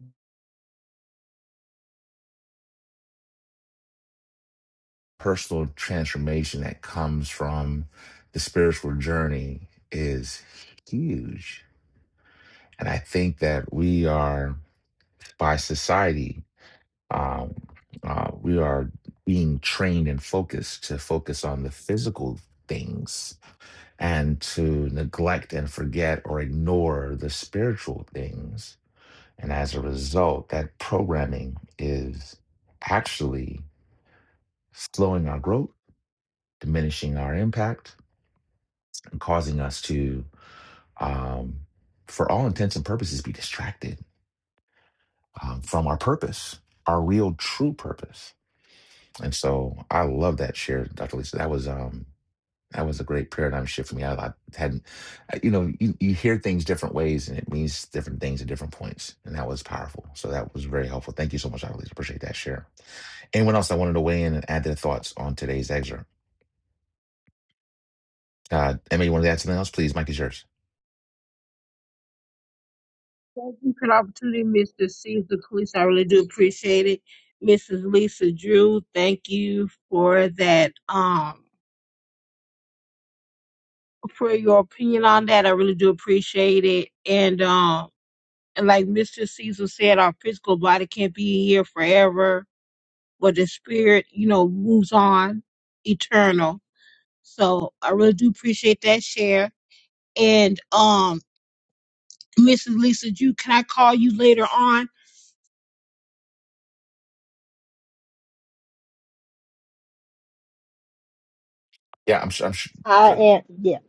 Speaker 1: personal transformation that comes from the spiritual journey is huge and i think that we are by society um, uh, we are being trained and focused to focus on the physical things and to neglect and forget or ignore the spiritual things And as a result, that programming is actually slowing our growth, diminishing our impact, and causing us to, um, for all intents and purposes, be distracted um, from our purpose, our real, true purpose. And so, I love that share, Dr. Lisa. That was um, that was a great paradigm shift for me. I, I hadn't, I- you know, you, you hear things different ways, and it means different things at different points, and that was powerful. So that was very helpful. Thank you so much, Dr. Lisa. Appreciate that share. Anyone else that wanted to weigh in and add their thoughts on today's excerpt? Uh, Emma, you wanted to add something else? Please, Mike is yours.
Speaker 3: Thank you for the opportunity, Mr. Caesar Cleese. I really do appreciate it, Mrs. Lisa Drew. Thank you for that. Um for your opinion on that. I really do appreciate it. And um, and like Mr. Caesar said, our physical body can't be here forever, but the spirit, you know, moves on eternal. So I really do appreciate that share. And um, Mrs. Lisa, you can I call you later on?
Speaker 1: Yeah, I'm sure. I'm sure.
Speaker 7: I
Speaker 1: joking.
Speaker 7: am, yeah.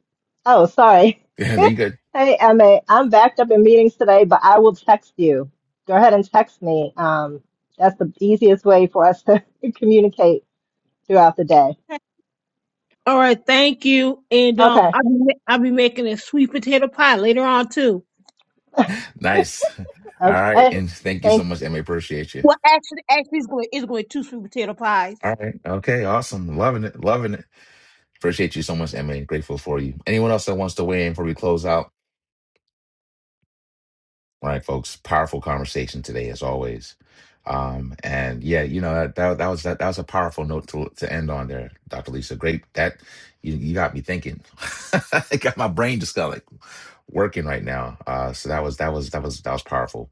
Speaker 7: Oh, sorry.
Speaker 1: Yeah, no, you good.
Speaker 7: Hey, Emma, I'm backed up in meetings today, but I will text you. Go ahead and text me. Um, that's the easiest way for us to communicate throughout the day.
Speaker 3: All right, thank you. And um,
Speaker 7: Okay.
Speaker 3: I'll be ma- I'll be making a sweet potato pie later on too.
Speaker 1: Nice. All right.
Speaker 7: Okay.
Speaker 1: And thank you
Speaker 7: Thank.
Speaker 1: so much, Emma. Appreciate you.
Speaker 3: Well, actually, actually, it's going it's going to two sweet potato pies.
Speaker 1: All right. Okay. Awesome. Loving it. Loving it. Appreciate you so much, Emma. Grateful for you. Anyone else that wants to weigh in before we close out? All right, folks. Powerful conversation today, as always. Um, and yeah, you know that that, that was that, that was a powerful note to to end on there, Dr. Lisa. Great that you, you got me thinking. I got my brain just got like working right now. Uh, so that was that was that was that was powerful.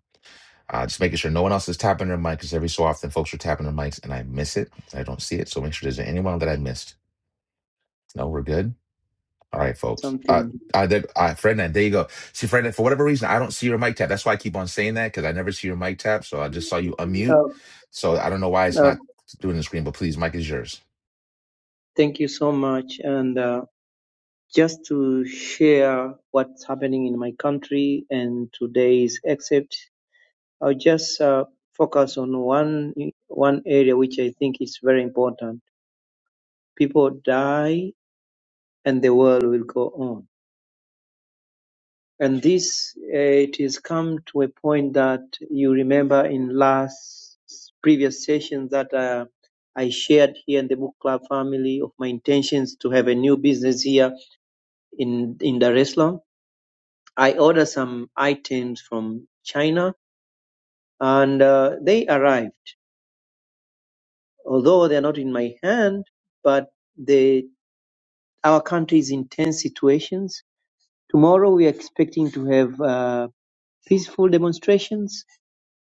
Speaker 1: Uh, just making sure no one else is tapping their mic because every so often folks are tapping their mics and I miss it. I don't see it, so make sure there's anyone that I missed. No, we're good. All right, folks. Uh,
Speaker 9: something.
Speaker 1: uh, there, uh, Ferdinand, there you go. See, Ferdinand, for whatever reason, I don't see your mic tap. That's why I keep on saying that because I never see your mic tap. So I just saw you unmute.
Speaker 9: Uh,
Speaker 1: So I don't know why it's
Speaker 9: uh,
Speaker 1: not doing the screen, but please, mic is yours.
Speaker 9: thank you so much. And uh, just to share what's happening in my country and today's excerpt, I'll just uh, focus on one one area which I think is very important. People die, and the world will go on. And this, uh, it has come to a point that you remember in last previous sessions that uh, I shared here in the book club family of my intentions to have a new business here in in Dar es Salaam. I ordered some items from China, and uh, they arrived. Although they are not in my hand, but the our country is in tense situations. Tomorrow we are expecting to have uh, peaceful demonstrations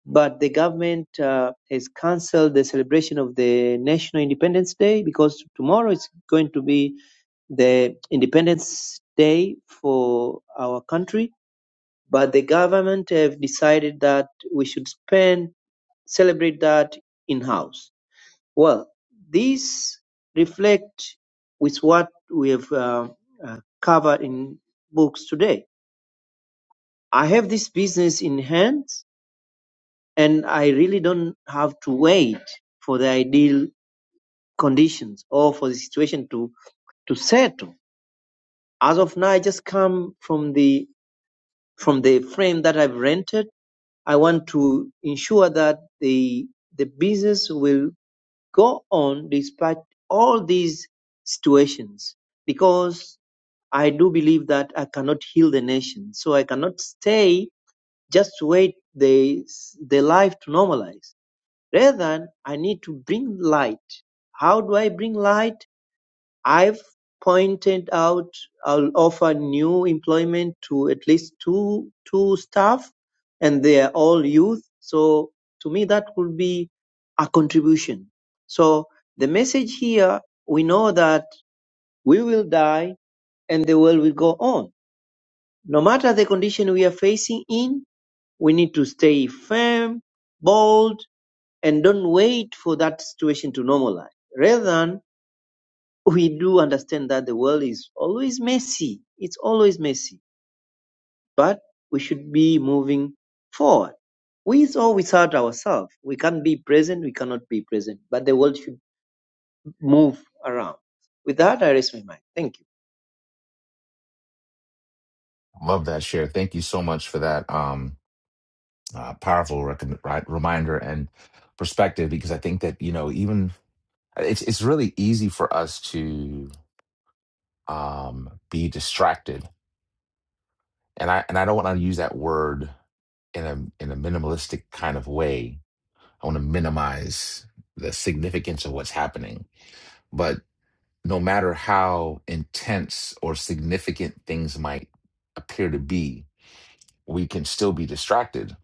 Speaker 9: But the government uh, has cancelled the celebration of the National Independence Day because tomorrow is going to be the Independence Day for our country. But the government have decided that we should spend celebrate that in house. Well, this reflect with what we have uh, covered in books today. I have this business in hand and I really don't have to wait for the ideal conditions or for the situation to to settle. As of now, I just come from the from the frame that I've rented. I want to ensure that the the business will go on despite all these situations because I do believe that I cannot heal the nation, so I cannot stay just wait the the life to normalize Rather, I need to bring light. How do I bring light? I've pointed out I'll offer new employment to at least two two staff and they are all youth. So to me that would be a contribution. So the message here we know that we will die and the world will go on. No matter the condition we are facing in, we need to stay firm, bold, and don't wait for that situation to normalize. Rather than we do understand that the world is always messy. It's always messy, but we should be moving forward with or without ourselves. We can't be present. We cannot be present, but the world should move around. With that, I raise my mind. Thank you.
Speaker 1: Love that share. Thank you so much for that um, uh, powerful recommend, right, reminder and perspective because I think that, you know, even it's, it's really easy for us to um, be distracted. And I, and I don't want to use that word in a, in a minimalistic kind of way I want to minimize the significance of what's happening. But no matter how intense or significant things might appear to be, we can still be distracted.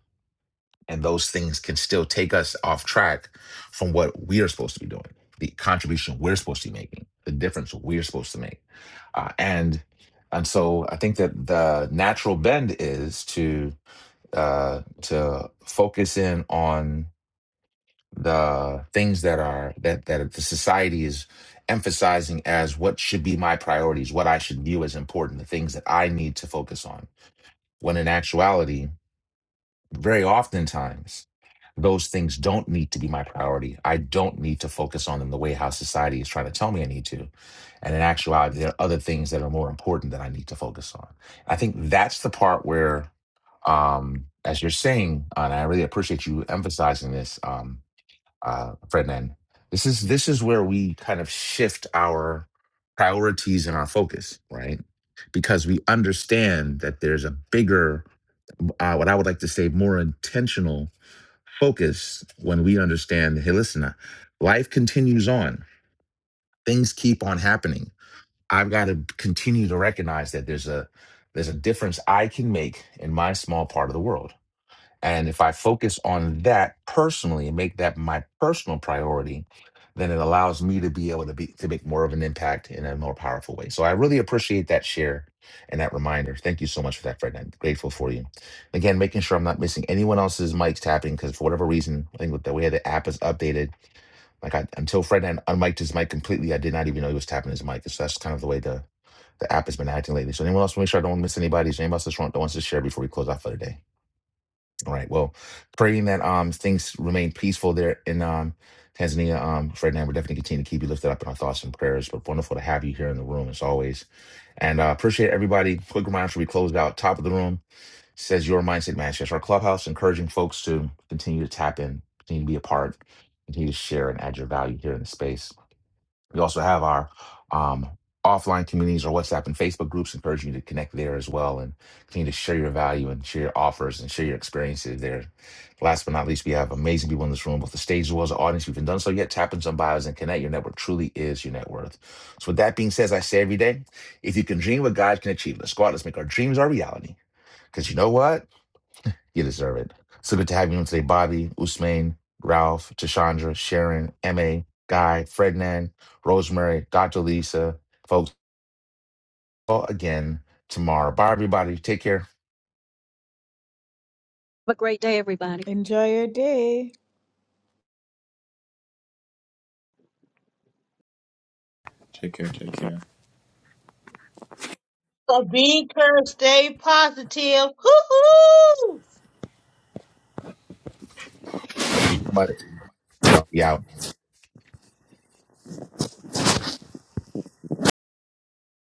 Speaker 1: And those things can still take us off track from what we are supposed to be doing, the contribution we're supposed to be making, the difference we're supposed to make. Uh, and and so I think that the natural bend is to uh, to focus in on the things that are that that the society is emphasizing as what should be my priorities, what I should view as important, the things that I need to focus on. When in actuality, very oftentimes those things don't need to be my priority. I don't need to focus on them the way how society is trying to tell me I need to. And in actuality, there are other things that are more important that I need to focus on. I think that's the part where, um, as you're saying, and I really appreciate you emphasizing this. Um, uh, Frednan. This is this is where we kind of shift our priorities and our focus, right? Because we understand that there's a bigger, uh, what I would like to say, more intentional focus when we understand. Hey, listen, uh, life continues on. Things keep on happening. I've got to continue to recognize that there's a there's a difference I can make in my small part of the world and if I focus on that personally and make that my personal priority, then it allows me to be able to be to make more of an impact in a more powerful way. So I really appreciate that share and that reminder. Thank you so much for that, Fred. I'm grateful for you. Again, making sure I'm not missing anyone else's mics tapping because for whatever reason, I think with the way the app is updated, like I, until Fred un- unmiked his mic completely, I did not even know he was tapping his mic. So that's kind of the way the the app has been acting lately. So anyone else make sure I don't miss anybody? Is there anybody else that want- that wants to share before we close out for the day? All right. Well, praying that um things remain peaceful there in um Tanzania. Um, Fred and I will definitely continue to keep you lifted up in our thoughts and prayers. But wonderful to have you here in the room as always. And uh, appreciate everybody. Quick reminder: before we close out top of the room says your mindset match. That's our clubhouse, encouraging folks to continue to tap in, continue to be a part, continue to share and add your value here in the space. We also have our um, offline communities or WhatsApp and Facebook groups, encouraging you to connect there as well and continue to share your value and share your offers and share your experiences there. Last but not least, we have amazing people in this room, both the stage as well as the audience. If you've done so yet, tap in some bios and connect. Your network truly is your net worth. So, with that being said, as I say every day, if you can dream what God can achieve, let's go out, let's make our dreams our reality. Because you know what? You deserve it. So good to have you on today, Bobby, Usman, Ralph, Tashandra, Sharon, MA, Guy, Frednan, Rosemary, Dr. Lisa, folks, all again tomorrow. Bye, everybody. Take care.
Speaker 6: Have a great day, everybody.
Speaker 8: Enjoy your day.
Speaker 10: Take care. Take care.
Speaker 3: So be encouraged, stay positive. Hoo-hoo!
Speaker 1: Thank you so much. Y'all be out.